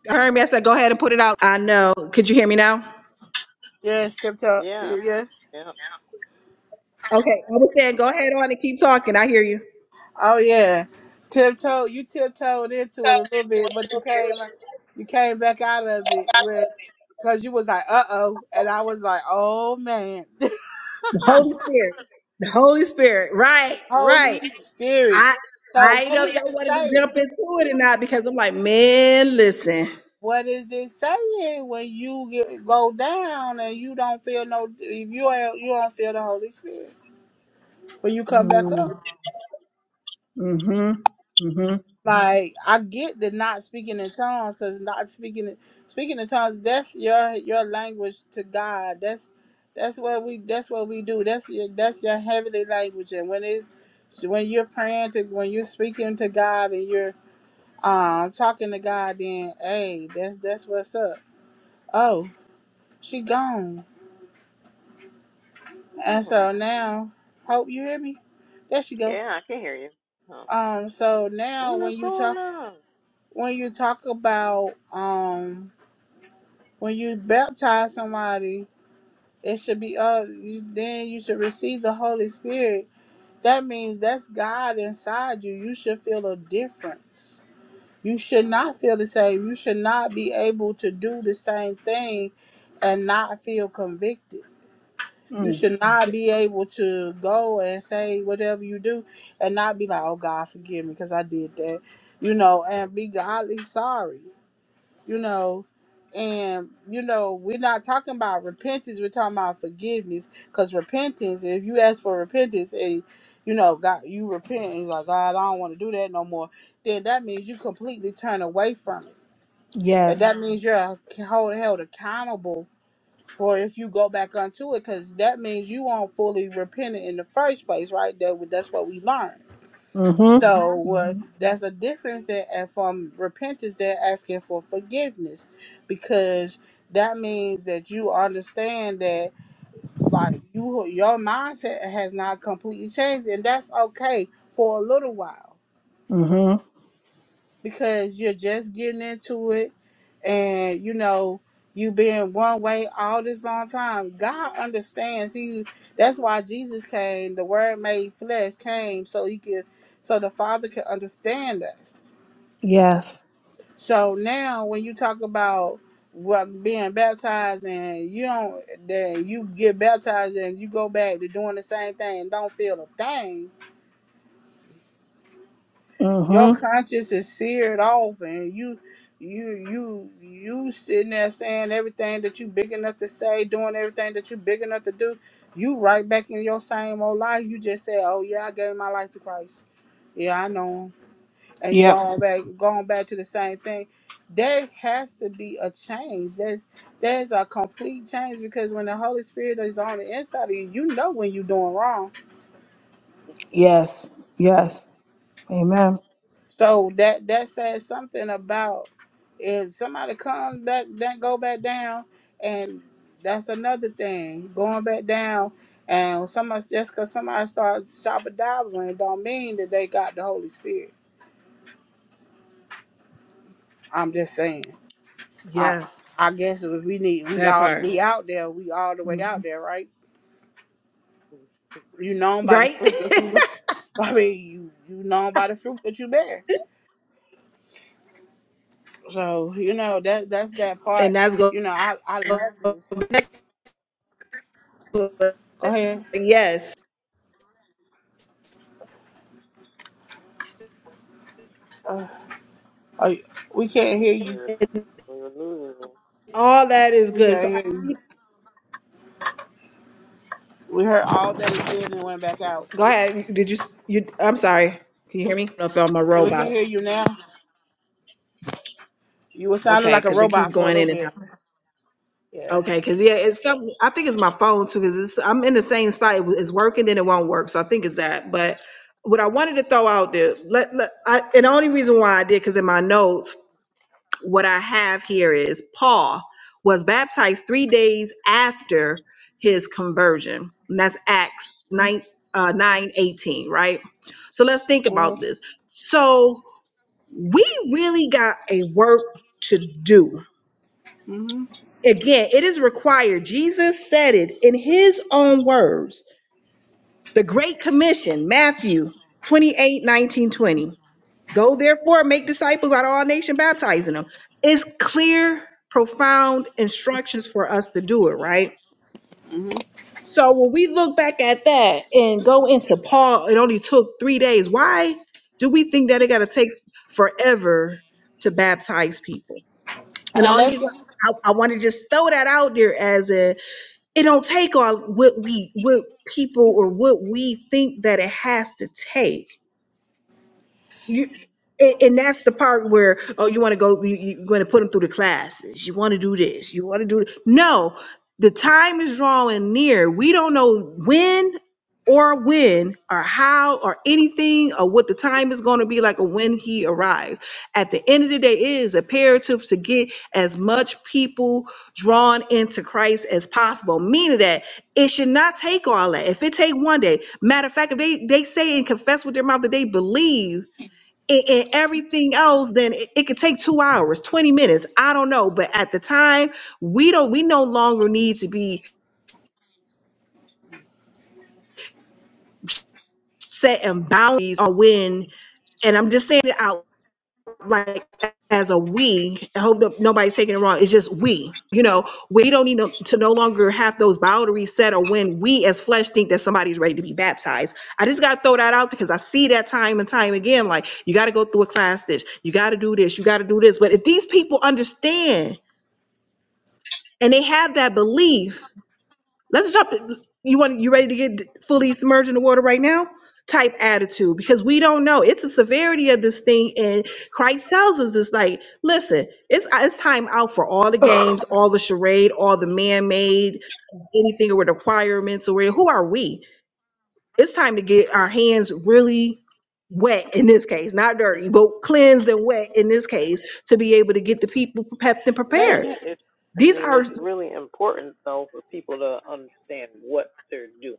I heard me. I said, go ahead and put it out. I know. Could you hear me now?
Yes, tiptoe.
Yeah,
Yeah.
yep,
Okay. I was saying, go ahead on and keep talking. I hear you.
Oh yeah, tiptoed. You tiptoed into it a little bit, but you came, you came back out of it with, cause you was like, uh oh, and I was like, oh man,
The Holy Spirit. The Holy Spirit. Right. Right.
Holy Spirit.
I
So
I don't
what
know if
is
y'all
it
wanted to jump
saying?
into it or not because I'm like, man, listen.
What is it saying when you get go down and you don't feel no? If you ain't- you don't feel the Holy Spirit when you come back up.
Mm-hmm. Mm-hmm. Mm-hmm.
Like I get the not speaking in tongues, cause not speaking speaking in tongues that's your your language to God. That's that's what we that's what we do. That's your that's your heavenly language. And when it when you're praying to when you're speaking to God and you're um talking to God, then hey, that's that's what's up. Oh, she gone. And
Hmm.
so now, hope you hear me. There she go.
yeah, I can hear you. Huh.
Um, so now
What is
when you
going
talk
on?
when you talk about um when you baptize somebody, it should be uh you, then you should receive the Holy Spirit. That means that's God inside you. You should feel a difference. You should not feel the same. You should not be able to do the same thing and not feel convicted. You
Mm.
should not be able to go and say whatever you do and not be like, "Oh God, forgive me because I did that," you know, and be godly sorry you know and you know we're not talking about repentance we're talking about forgiveness because repentance if you ask for repentance and you know god you repent and you're like god i don't want to do that no more then that means you completely turn away from it and that
Yes.
Mhm. means you're held, held accountable or if you go back onto it because that means you aren't fully repentant in the first place right that, that's what we learned
Mm-hmm.
so uh,
Mm-hmm.
there's a difference there and from repentance. They're asking for forgiveness because that means that you understand that like you your mindset has not completely changed, and that's okay for a little while
Mm-hmm.
because you're just getting into it, and you know you been one way all this long time. God understands. He that's why Jesus came. The Word made flesh came so he could so the Father could understand us
Yes.
So now, when you talk about what being baptized and you don't, then you get baptized and you go back to doing the same thing and don't feel a thing. Your
Mm-hmm.
conscience is seared off, and you, you, you, you sitting there saying everything that you big enough to say, doing everything that you big enough to do. You right back in your same old life. You just say, "Oh yeah, I gave my life to Christ. Yeah, I know him. and you
Yep.
going back going back to the same thing there has to be a change there's there's a complete change because when the holy spirit is on the inside of you you know when you're doing wrong
Yes. Yes. Amen.
so that that says something about if somebody comes back that go back down and that's another thing going back down and when somebody just because somebody starts shopping dabbling don't mean that they got the holy spirit i'm just saying I
Yes.
I guess if we need we
That
all
part.
we out there, we all the way
hmm
out there, right? You known by the
Right?
fruit that you I mean you you known by the fruit that you bear. So, you know, that that's that part.
and that's good.
You know, I I love this. Go ahead.
yes.
Uh, are you- we can't
We
hear
we
you.
were, we were losing you.
All that is
We
good.
can't
So I,
hear you. We heard all that is good and went back out.
go ahead. Did you you I'm sorry. Can you hear me? I don't know if I'm a
Yep.
We can
robot.
hear you now. You were sounding
Okay,
like a
because it keep
robot for a
going
little
in and out.
bit. Yeah.
Okay, because yeah, it's something, I think it's my phone too, because it's, I'm in the same spot. It was- It's working, then it won't work. So I think it's that. But what I wanted to throw out there, let, let, I, and the only reason why I did, because in my notes, what I have here is Paul was baptized three days after his conversion. And that's Acts
Mm-hmm.
9, uh, 9 eighteen, right? So let's think about this. So we really got a work to do
Mm-hmm.
Again, it is required. Jesus said it in his own words. The Great Commission, Matthew 28 19 20. Go therefore, make disciples out of all nations, baptizing them. It's clear, profound instructions for us to do it, right?
Mm-hmm.
So when we look back at that and go into Paul, it only took three days. Why do we think that it got to take forever to baptize people? And the
And
only
let's
reason
go,
I, I want to just throw that out there as a it don't take all what we what people or what we think that it has to take you and, and that's the part where oh you want to go you, you're going to put them through the classes you want to do this you want to do th- no the time is drawing near we don't know when or when or how or anything or what the time is going to be like or when he arrives at the end of the day it is imperative to get as much people drawn into christ as possible meaning that it should not take all that if it take one day matter of fact if they they say and confess with their mouth that they believe and, and everything else, then it, it could take two hours, 20 minutes. I don't know. But at the time, we don't, we no longer need to be setting boundaries on when, and I'm just saying it out like as a we, I hope that nobody's taking it wrong. It's just we, you know, we don't need no- to no longer have those boundaries set or when we as flesh think that somebody's ready to be baptized. I just got to throw that out because I see that time and time again. Like, you got to go through a class this, you got to do this, you got to do this. But if these people understand, and they have that belief. Let's jump. You want you ready to get fully submerged in the water right now? Type attitude because we don't know. It's the severity of this thing, and Christ tells us it's like, listen, it's it's time out for all the games, all the charade, all the man-made, anything with requirements or who are we? It's time to get our hands really wet in this case, not
Mm.
dirty, but cleansed and wet in this case to be able to get the people prepped and
But
ladies
prepared.
it, it's, I
These
mean,
are
it's really important though for people to understand what they're doing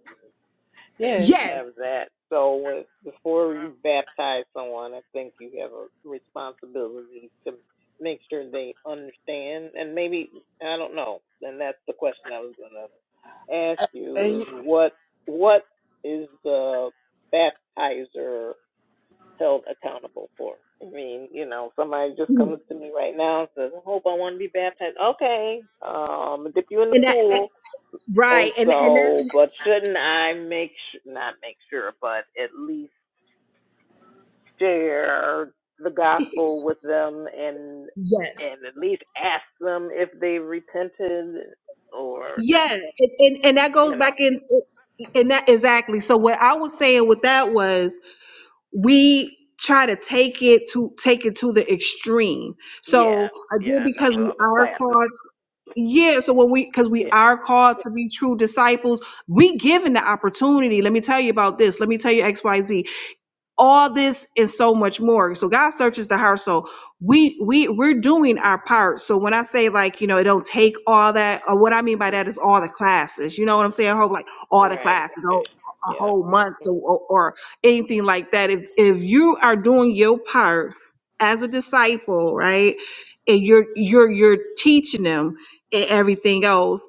and to
Yes.
yes.
have that. So with, before you baptize someone, I think you have a responsibility to make sure they understand. And maybe I don't know. And that's the question I was gonna ask you: is
and
what what is the baptizer held accountable for. I mean, you know, somebody just comes to me right now and says, I hope I want to be baptized. Okay, um, dip you in the
and that and-
pool.
right
And
and and that
so, but shouldn't I make, su- not make sure, but at least share the gospel with them and,
yes
and at least ask them if they repented or, uh,
yeah and and, and that
you
goes
know,
back in and that exactly so what i was saying with that was we try to take it to take it to the extreme so
yeah, yeah,
again
I know,
because
with
we
all the
are
classes.
called yeah so when we because we
Yeah,
are called to be true disciples we given the opportunity let me tell you about this let me tell you xyz all this and so much more so god searches the heart so we we we're doing our part so when i say like you know it don't take all that or what i mean by
mm,
that is all the classes you know what i'm saying I hope like all the
right,
classes a
right,
a
yep.
whole month
mm
or, or or anything like that if if you are doing your part as a disciple right and you're you're you're teaching them and everything else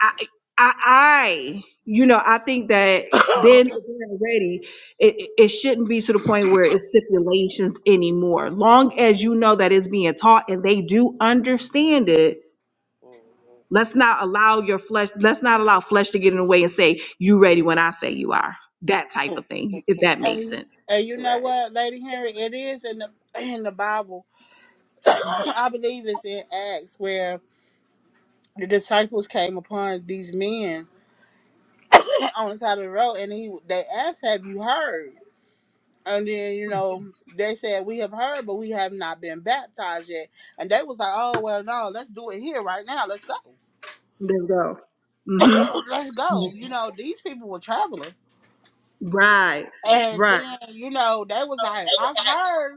I, I, I, you know, I think that then if they're ready, it, it it shouldn't be to the point where it's stipulations anymore. Long as you know that it's being taught and they do understand it,
mm,
Let's not allow your flesh, let's not allow flesh to get in the way and say, you ready when I say you are. That type
Mm.
of thing, if that makes
And,
sense.
and you know
right.
what, Lady Henry, it is in the in the Bible. I believe it's in Acts where the disciples came upon these men on the side of the road, and he they asked, "Have you heard?" And then you know they said, "We have heard, but we have not been baptized yet." And they was like, "Oh well, no, let's do it here right now. Let's
Let's go. Mm-hmm.
go, let's go." You know, these people were traveling,
Right.
and
Right.
then you know they was like, "I've heard."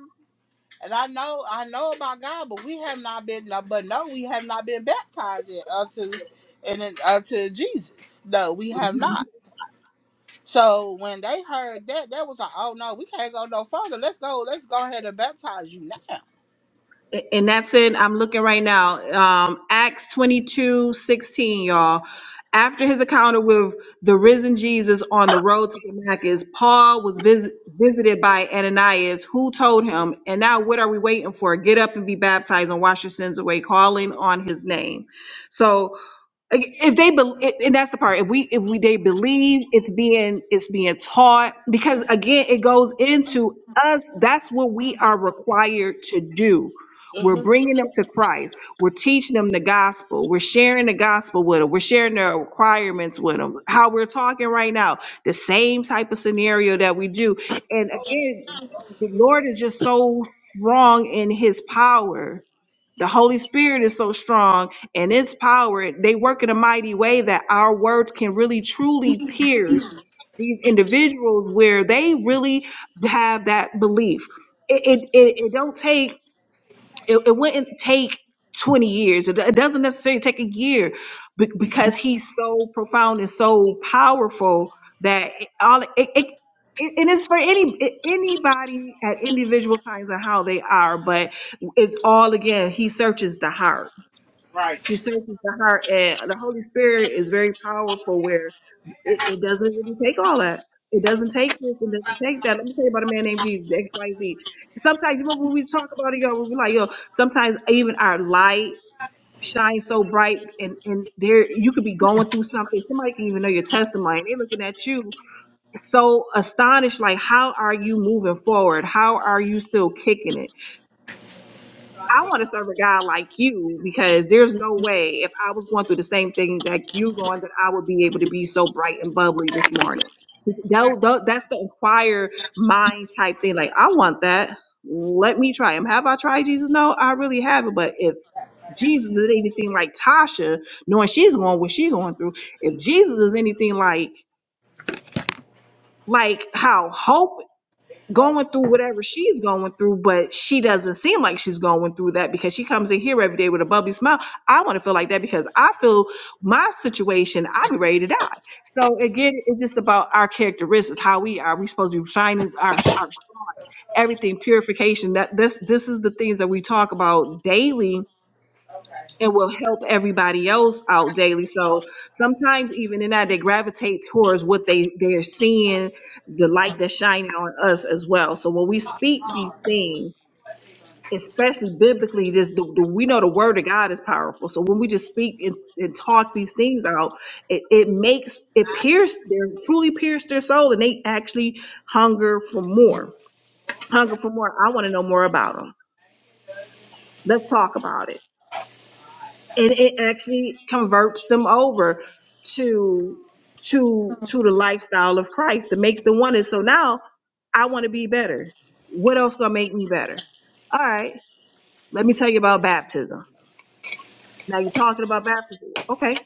And I know, I know about God, but we have not been, no, but no, we have not been baptized yet unto, and then unto Jesus. No, we have
Mm-hmm.
not. So when they heard that, that was like, oh no, we can't go no further. Let's go, let's go ahead and baptize you now.
And that's in, I'm looking right now, um, Acts twenty y'all. After his encounter with the risen Jesus on the road to Damascus, Paul was vis- visited by Ananias, who told him, And now what are we waiting for? Get up and be baptized and wash your sins away, calling on his name. So like, If they, bel- and that's the part, if we, if we, they believe it's being, it's being taught, because again, it goes into us, that's what we are required to do. We're bringing them to Christ. We're teaching them the gospel. We're sharing the gospel with them. We're sharing the requirements with them. How we're talking right now, the same type of scenario that we do. And again, the Lord is just so strong in his power. The Holy Spirit is so strong and its power, they work in a mighty way that our words can really truly pierce these individuals where they really have that belief. It it it, it don't take it, it wouldn't take 20 years. It, it doesn't necessarily take a year be- because he's so profound and so powerful that it, all it, it it- and it's for any a- anybody at individual times and how they are, but it's all again. He searches the heart he searches the heart, and the Holy Spirit is very powerful. Where it, it doesn't really take all that. It doesn't take this. It doesn't take that. Let me tell you about a man named Jesus. X, Y, Z. Sometimes you remember when we talk about it, y'all. We're like, yo. Sometimes even our light shines so bright, and and there you could be going through something. Somebody can even know your testimony. They're looking at you so astonished, like, how are you moving forward? How are you still kicking it? I want to serve a God like you because there's no way if I was going through the same thing that you going that I would be able to be so bright and bubbly this morning. Tho- tho- That's the inquire mind type thing. Like I want that. Let me try him. Have I tried Jesus? No, I really haven't. But if Jesus is anything like Tasha, knowing she's going what she's going through, if Jesus is anything like like how hope going through whatever she's going through, but she doesn't seem like she's going through that because she comes in here every day with a bubbly smile. I want to feel like that because I feel my situation, I'd be ready to die. So again, it's just about our characteristics, how we are. We supposed to be shining our our everything, purification. That this this is the things that we talk about daily and will help everybody else out daily. So sometimes even in that they gravitate towards what they they're seeing, the light that's shining on us as well. So when we speak these things, especially biblically, just the, the, we know the word of God is powerful. So when we just speak and, and talk these things out, it, it makes it pierce their truly pierce their soul, and they actually hunger for more. Hunger for more. I want to know more about them. Let's talk about it. and it actually converts them over to to to the lifestyle of Christ to make the one And so now I want to be better. What else gonna make me better? All right, let me tell you about baptism. Now you're talking about baptism. Okay,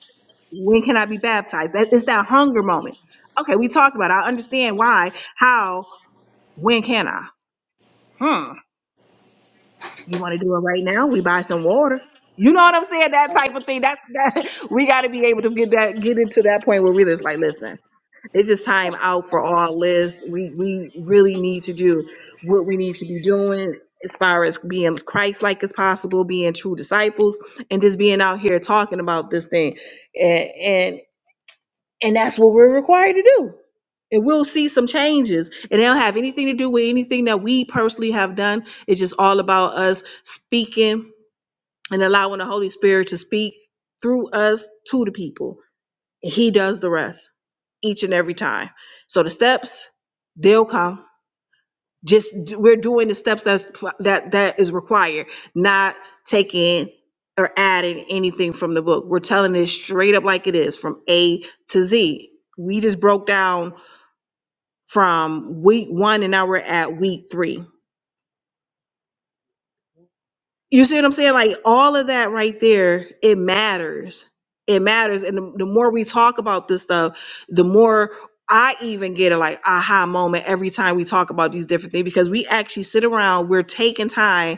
when can I be baptized? That is that hunger moment. Okay, we talked about. It. I understand why, how, when can I? Hmm. You want to do it right now? We buy some water. You know what I'm saying? That type of thing. That's that we got to be able to get that get into that point where we're just like, listen, it's just time out for all this. We we really need to do what we need to be doing as far as being Christ-like as possible, being true disciples, and just being out here talking about this thing. and. And that's what we're required to do. And we'll see some changes. And it don't have anything to do with anything that we personally have done. It's just all about us speaking and allowing the Holy Spirit to speak through us to the people. And He does the rest each and every time. So the steps, they'll come just d- we're doing the steps that's that that is required not taking or adding anything from the book we're telling it straight up like it is from a to z we just broke down from week one and now we're at week three you see what i'm saying like all of that right there it matters it matters and the, the more we talk about this stuff the more i even get a like aha moment every time we talk about these different things because we actually sit around we're taking time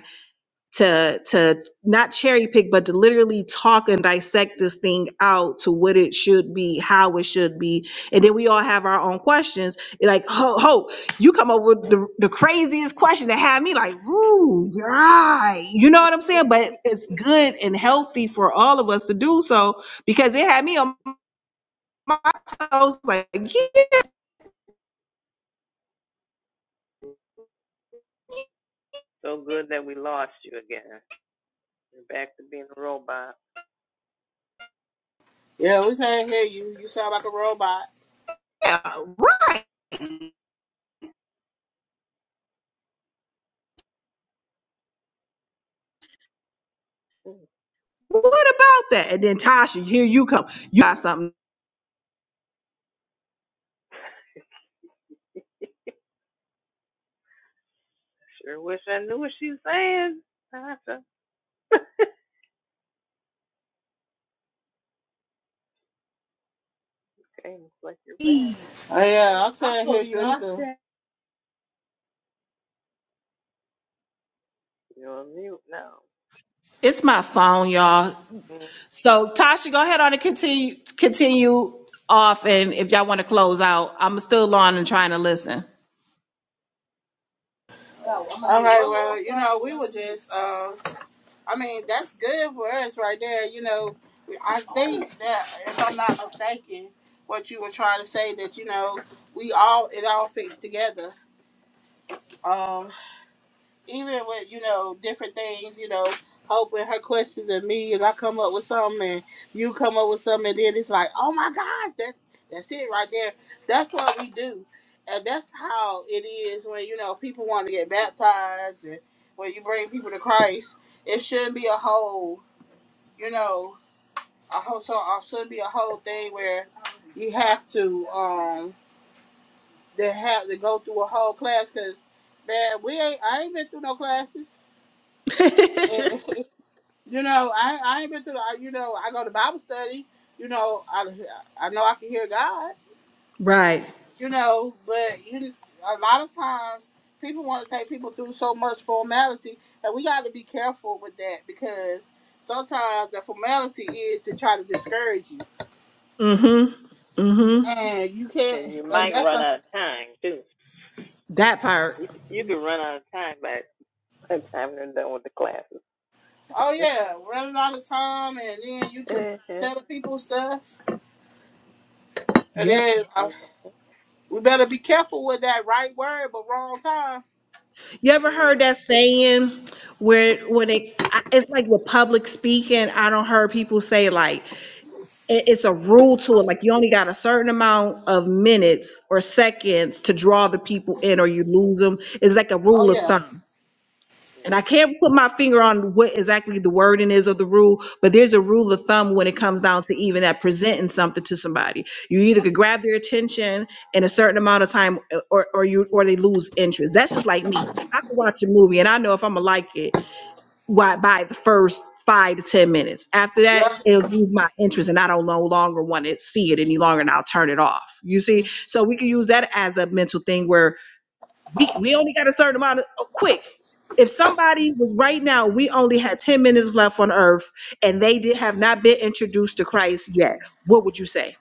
to to not cherry pick, but to literally talk and dissect this thing out to what it should be, how it should be, and then we all have our own questions. Like, ho, ho you come up with the, the craziest question that had me like, ooh, right, you know what I'm saying? But it's good and healthy for all of us to do so because it had me on my toes. Like, yeah,
So good that we lost you again. You're back to being a robot.
Yeah, we can't hear you. You sound like a robot.
right.
Mm,
What about that? And then Tasha, here you come. You got something.
Sure wish I knew what she was saying. Tasha. okay, looks like you're back. I
Oh,
can't hear
yeah, I
you.
can't hear you either.
You're on mute now.
It's my phone, y'all. So Tasha, go ahead on and continue continue off, and if y'all want to close out, I'm still on and trying to listen.
All right, well, you know, we were just, uh, I mean, that's good for us right there. You know, I think that if I'm not mistaken, what you were trying to say that you know we all it all fits together. Um, even with you know different things, you know, hope with her questions and me, and I come up with something, and you come up with something, and then it's like, oh my gosh, that that's it right there. That's what we do, and that's how it is when you know people want to get baptized and when you bring people to Christ. It shouldn't be a hole you know, a whole so uh, should be a whole thing where you have to um they have to go through a whole class because man, we ain't I ain't been through no classes.
mm
And, you know, I I ain't been through. the- You know, I go to Bible study. You know, I I know I can hear God.
right.
You know, but you a lot of times people want to take people through so much formality, and we got to be careful with that because sometimes the formality is to try to discourage you
Mm-hmm. Mm-hmm.
and you can't
And you
and
might
that's
run
a
out of time too.
That part.
You c- you could run out of time by by the time they're done with the classes.
oh yeah running out of time and then you can tell the people stuff and
Yep.
then uh, we better be careful with that right word but wrong time
You ever
Mm-mm.
heard that saying where when it I- it's like with public speaking, I don't heard people say like it- it's a rule to it, like you only got a certain amount of minutes or seconds to draw the people in or you lose them. It's like a
oh
rule of
yeah
thumb. And I can't put my finger on what exactly the wording is of the rule, but there's a rule of thumb when it comes down to even that presenting something to somebody. You either could grab their attention in a certain amount of time uh, or, or you, or they lose interest. That's just like me. I can watch a movie and I know if I'm gonna like it why, by the first five to 10 minutes. After that,
yeah
it'll lose my interest and I don't no longer want to see it any longer and I'll turn it off. You see? So we can use that as a mental thing where we we only got a certain amount of oh, quick if somebody was right now we only had 10 minutes left on earth and they did have not been introduced to christ yet what would you say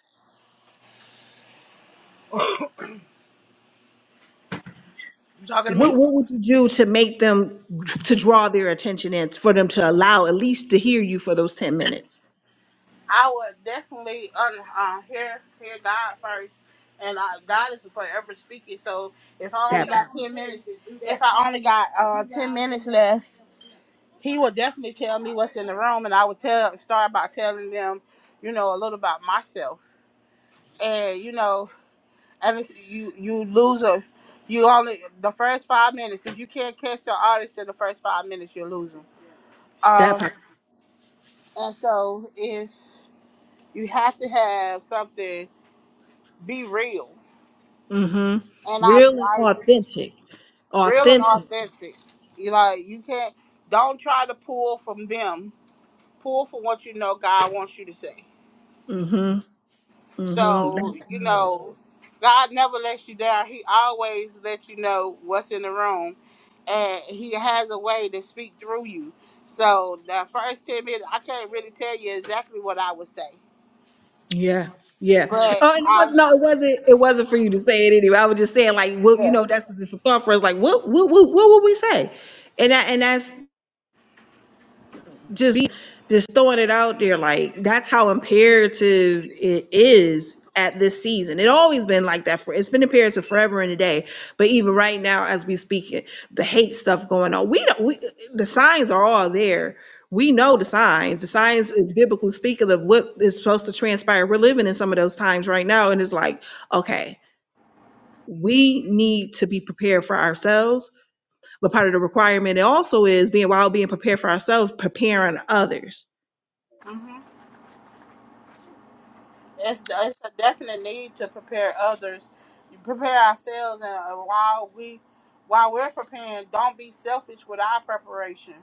you talking to me
what, what would you do to make them to draw their attention in for them to allow at least to hear you for those 10 minutes
i would definitely un, uh, hear hear god first and uh, god is forever speaking so if i only
that part,
got 10 minutes if i only got uh, 10 minutes left he will definitely tell me what's in the room and i would tell start by telling them you know a little about myself and you know, and it's, you you lose a, you only the first five minutes. If you can't catch your artist in the first five minutes, you're losing.
that
Um,
part
and so it's you have to have something be real,
mm hmm
and I
real and
I
authentic
real and
authentic
authentic. You know, you can't don't try to pull from them. Pull from what you know God wants you to say.
mm hmm mm hmm
So
that's
you
good
know, God never lets you down. He always lets you know what's in the room and he has a way to speak through you. So the first ten minutes, I can't really tell you exactly what I would say,
Yeah, yeah.
but
Oh, and it was
I
no, it wasn't. It wasn't for you to say it anyway. I was just saying, like, well, you know, that's the thought for us. Like, what, what, what, what would we say? And that, and that's just be just throwing it out there like that's how imperative it is at this season. It always been like that for it's been imperative forever and a day. But even right now as we speak it, the hate stuff going on. We don't we, the signs are all there. We know the signs. The signs is biblical speaking of what is supposed to transpire. We're living in some of those times right now and it's like, okay, we need to be prepared for ourselves. But part of the requirement it also is being while being prepared for ourselves, preparing others
yeah. It's, it's a definite need to prepare others. You prepare ourselves, and uh, while we while we're preparing, don't be selfish with our preparation,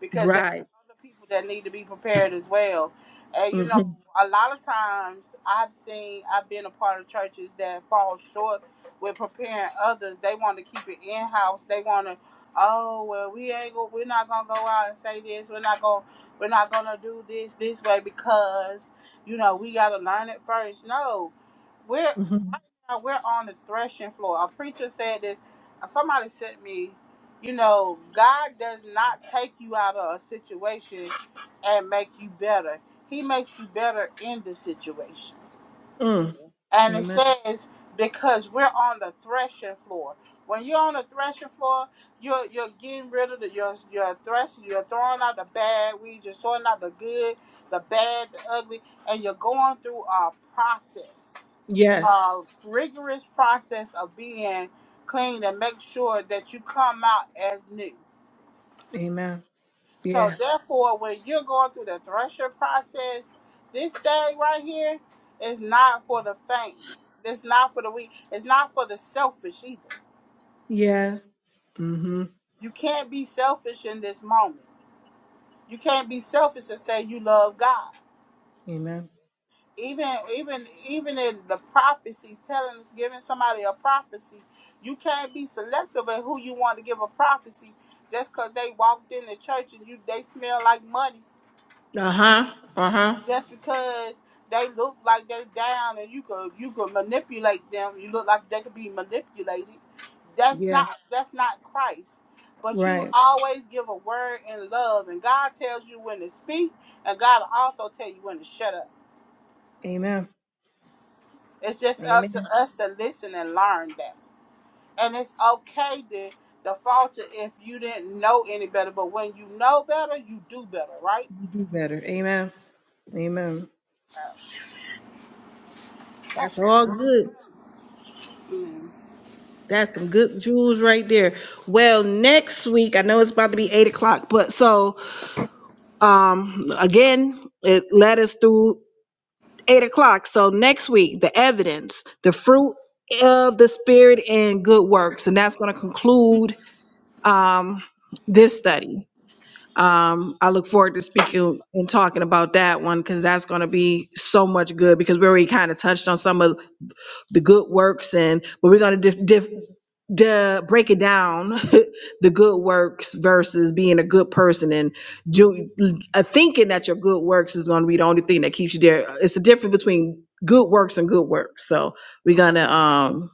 because there's
Right.
other people that need to be prepared as well. And you know,
Mm-hmm.
a lot of times I've seen I've been a part of churches that fall short with preparing others. They want to keep it in house. They want to, oh well, we ain't go, we're not gonna go out and say this. We're not gonna we're not gonna do this this way because you know, we got to learn it first. No, we're
Mm-hmm.
we're on the threshing floor. A preacher said that somebody sent me, you know, God does not take you out of a situation and make you better. He makes you better in the situation.
Mm.
And it
Amen.
says, because we're on the threshing floor. When you're on the threshing floor, you're you're getting rid of the you're you're threshing, you're throwing out the bad weeds, you're sorting out the good, the bad, the ugly, and you're going through a process,
Yes.
a rigorous process of being clean and make sure that you come out as new.
Amen.
So
Yes.
therefore, when you're going through the thresher process, this thing right here is not for the faint. It's not for the weak. It's not for the selfish either.
Yeah. Mm-hmm.
You can't be selfish in this moment. You can't be selfish and say you love God.
Amen.
Even even even in the prophecies telling us giving somebody a prophecy, you can't be selective in who you want to give a prophecy just because they walked in the church and you they smell like money
Uh-huh. Uh-huh.
just because they look like they down and you could you could manipulate them, you look like they could be manipulated. That's
Yeah.
not that's not Christ. But you
Right.
always give a word in love, and God tells you when to speak, and God will also tell you when to shut up.
Amen.
It's just up to
Amen.
us to listen and learn that. And it's okay to to falter if you didn't know any better. But when you know better, you do better, right?
You do better. Amen. Amen. That's all good. That's some good jewels right there. Well, next week, I know it's about to be eight o'clock, but so um again, it led us through eight o'clock. So next week, the evidence, the fruit of the spirit and good works. And that's going to conclude um, this study. Um, I look forward to speaking and talking about that one because that's going to be so much good because we already kind of touched on some of the good works and but we're going to diff, diff, to break it down the good works versus being a good person and do uh, thinking that your good works is going to be the only thing that keeps you there it's the difference between good works and good works so we're going to um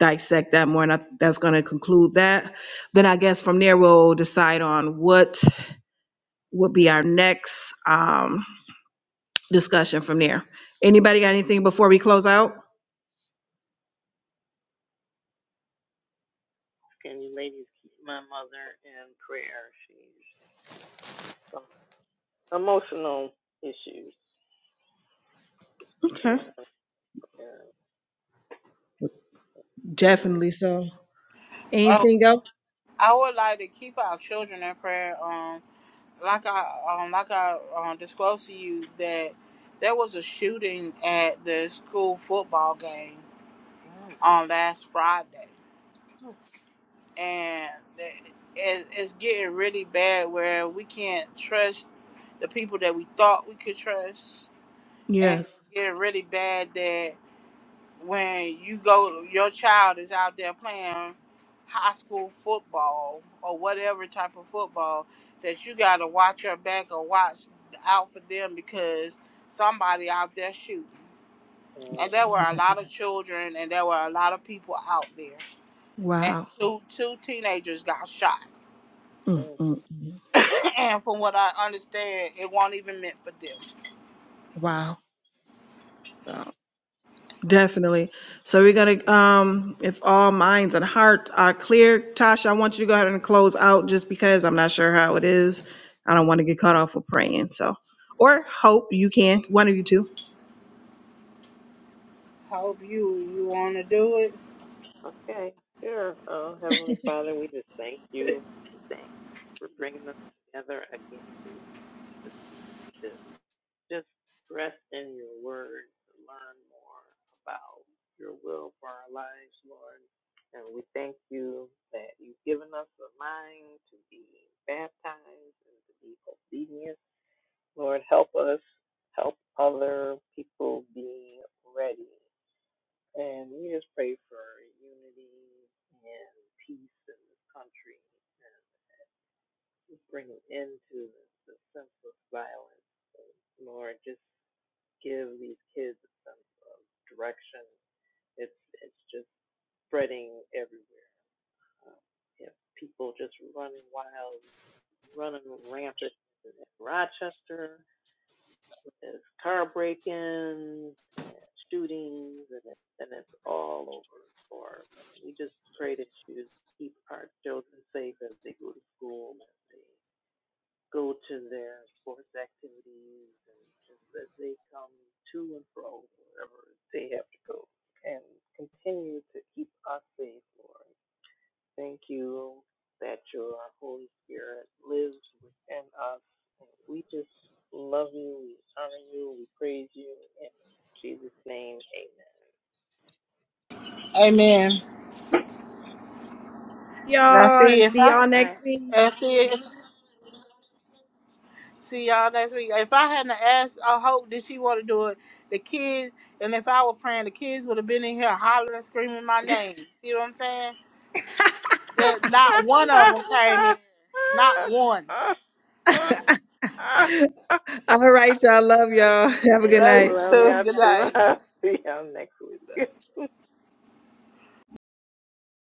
dissect that more and I, that's going to conclude that then i guess from there we'll decide on what would be our next um discussion from there anybody got anything before we close out
Can you ladies keep my mother in prayer? She's Emotional issues. The
okay
speaker unaware feelings.
definitely so
Oh,
Anything else?
I would like to keep our children in prayer. Um. like I um, like I um, disclosed to you that there was a shooting at the school football game
Mm,
on last Friday,
mm,
and it, it- it's getting really bad where we can't trust the people that we thought we could trust, and
Yes.
it's getting really bad that. when you go your child is out there playing high school football or whatever type of football that you got to watch your back or watch out for them because somebody out there shooting
mm,
and there were a
Black.
lot of children and there were a lot of people out there and
Wow.
two two teenagers got shot
mm
mm.
mm mm.
and from what i understand it won't even meant for them
Wow. Wow. Definitely. So we're gonna um if all minds and hearts are clear, Tasha, I want you to go ahead and close out just because I'm not sure how it is. I don't want to get cut off for praying. So or hope you can. One of you two.
hope you you want to do it
Okay, sure. Oh, Heavenly Father, we just thank you. Thank you for bringing us together again. to, to Just rest in your word to learn more about your will for our lives, Lord. And we thank you that you've given us a mind to be baptized and to be obedient. Lord, help us help other people be ready. And we just pray for unity and peace in this country and just bring an end to the sense of violence. Lord, just give these kids a sense of direction. It's it's just spreading everywhere. Um, you have people just running wild, running rampant in Rochester. There's car break-ins and shootings, and it, and it's all over the board. We just pray that you keep our children safe as they go to school. as they go to their sports activities and just as they come to and fro wherever they have to go and continue to keep us safe, Lord. Thank you that your Holy Spirit lives within us. And we just love you, we honor you, we praise you. In Jesus' name, amen.
amen now
Y'all
see
and
if
see
i
y'all
All
next week.
and see if See y'all next week. If I hadn't asked, I hope that she want to do it. The kids, and if I were praying, the kids would have been in here hollering and screaming my name. See what I'm saying? That not one of them came in. Not one.
all right,
right.
y'all. Love y'all. Have a good
Love
night.
you
Love
too.
y'all
Good
too.
night.
I'll see y'all next week.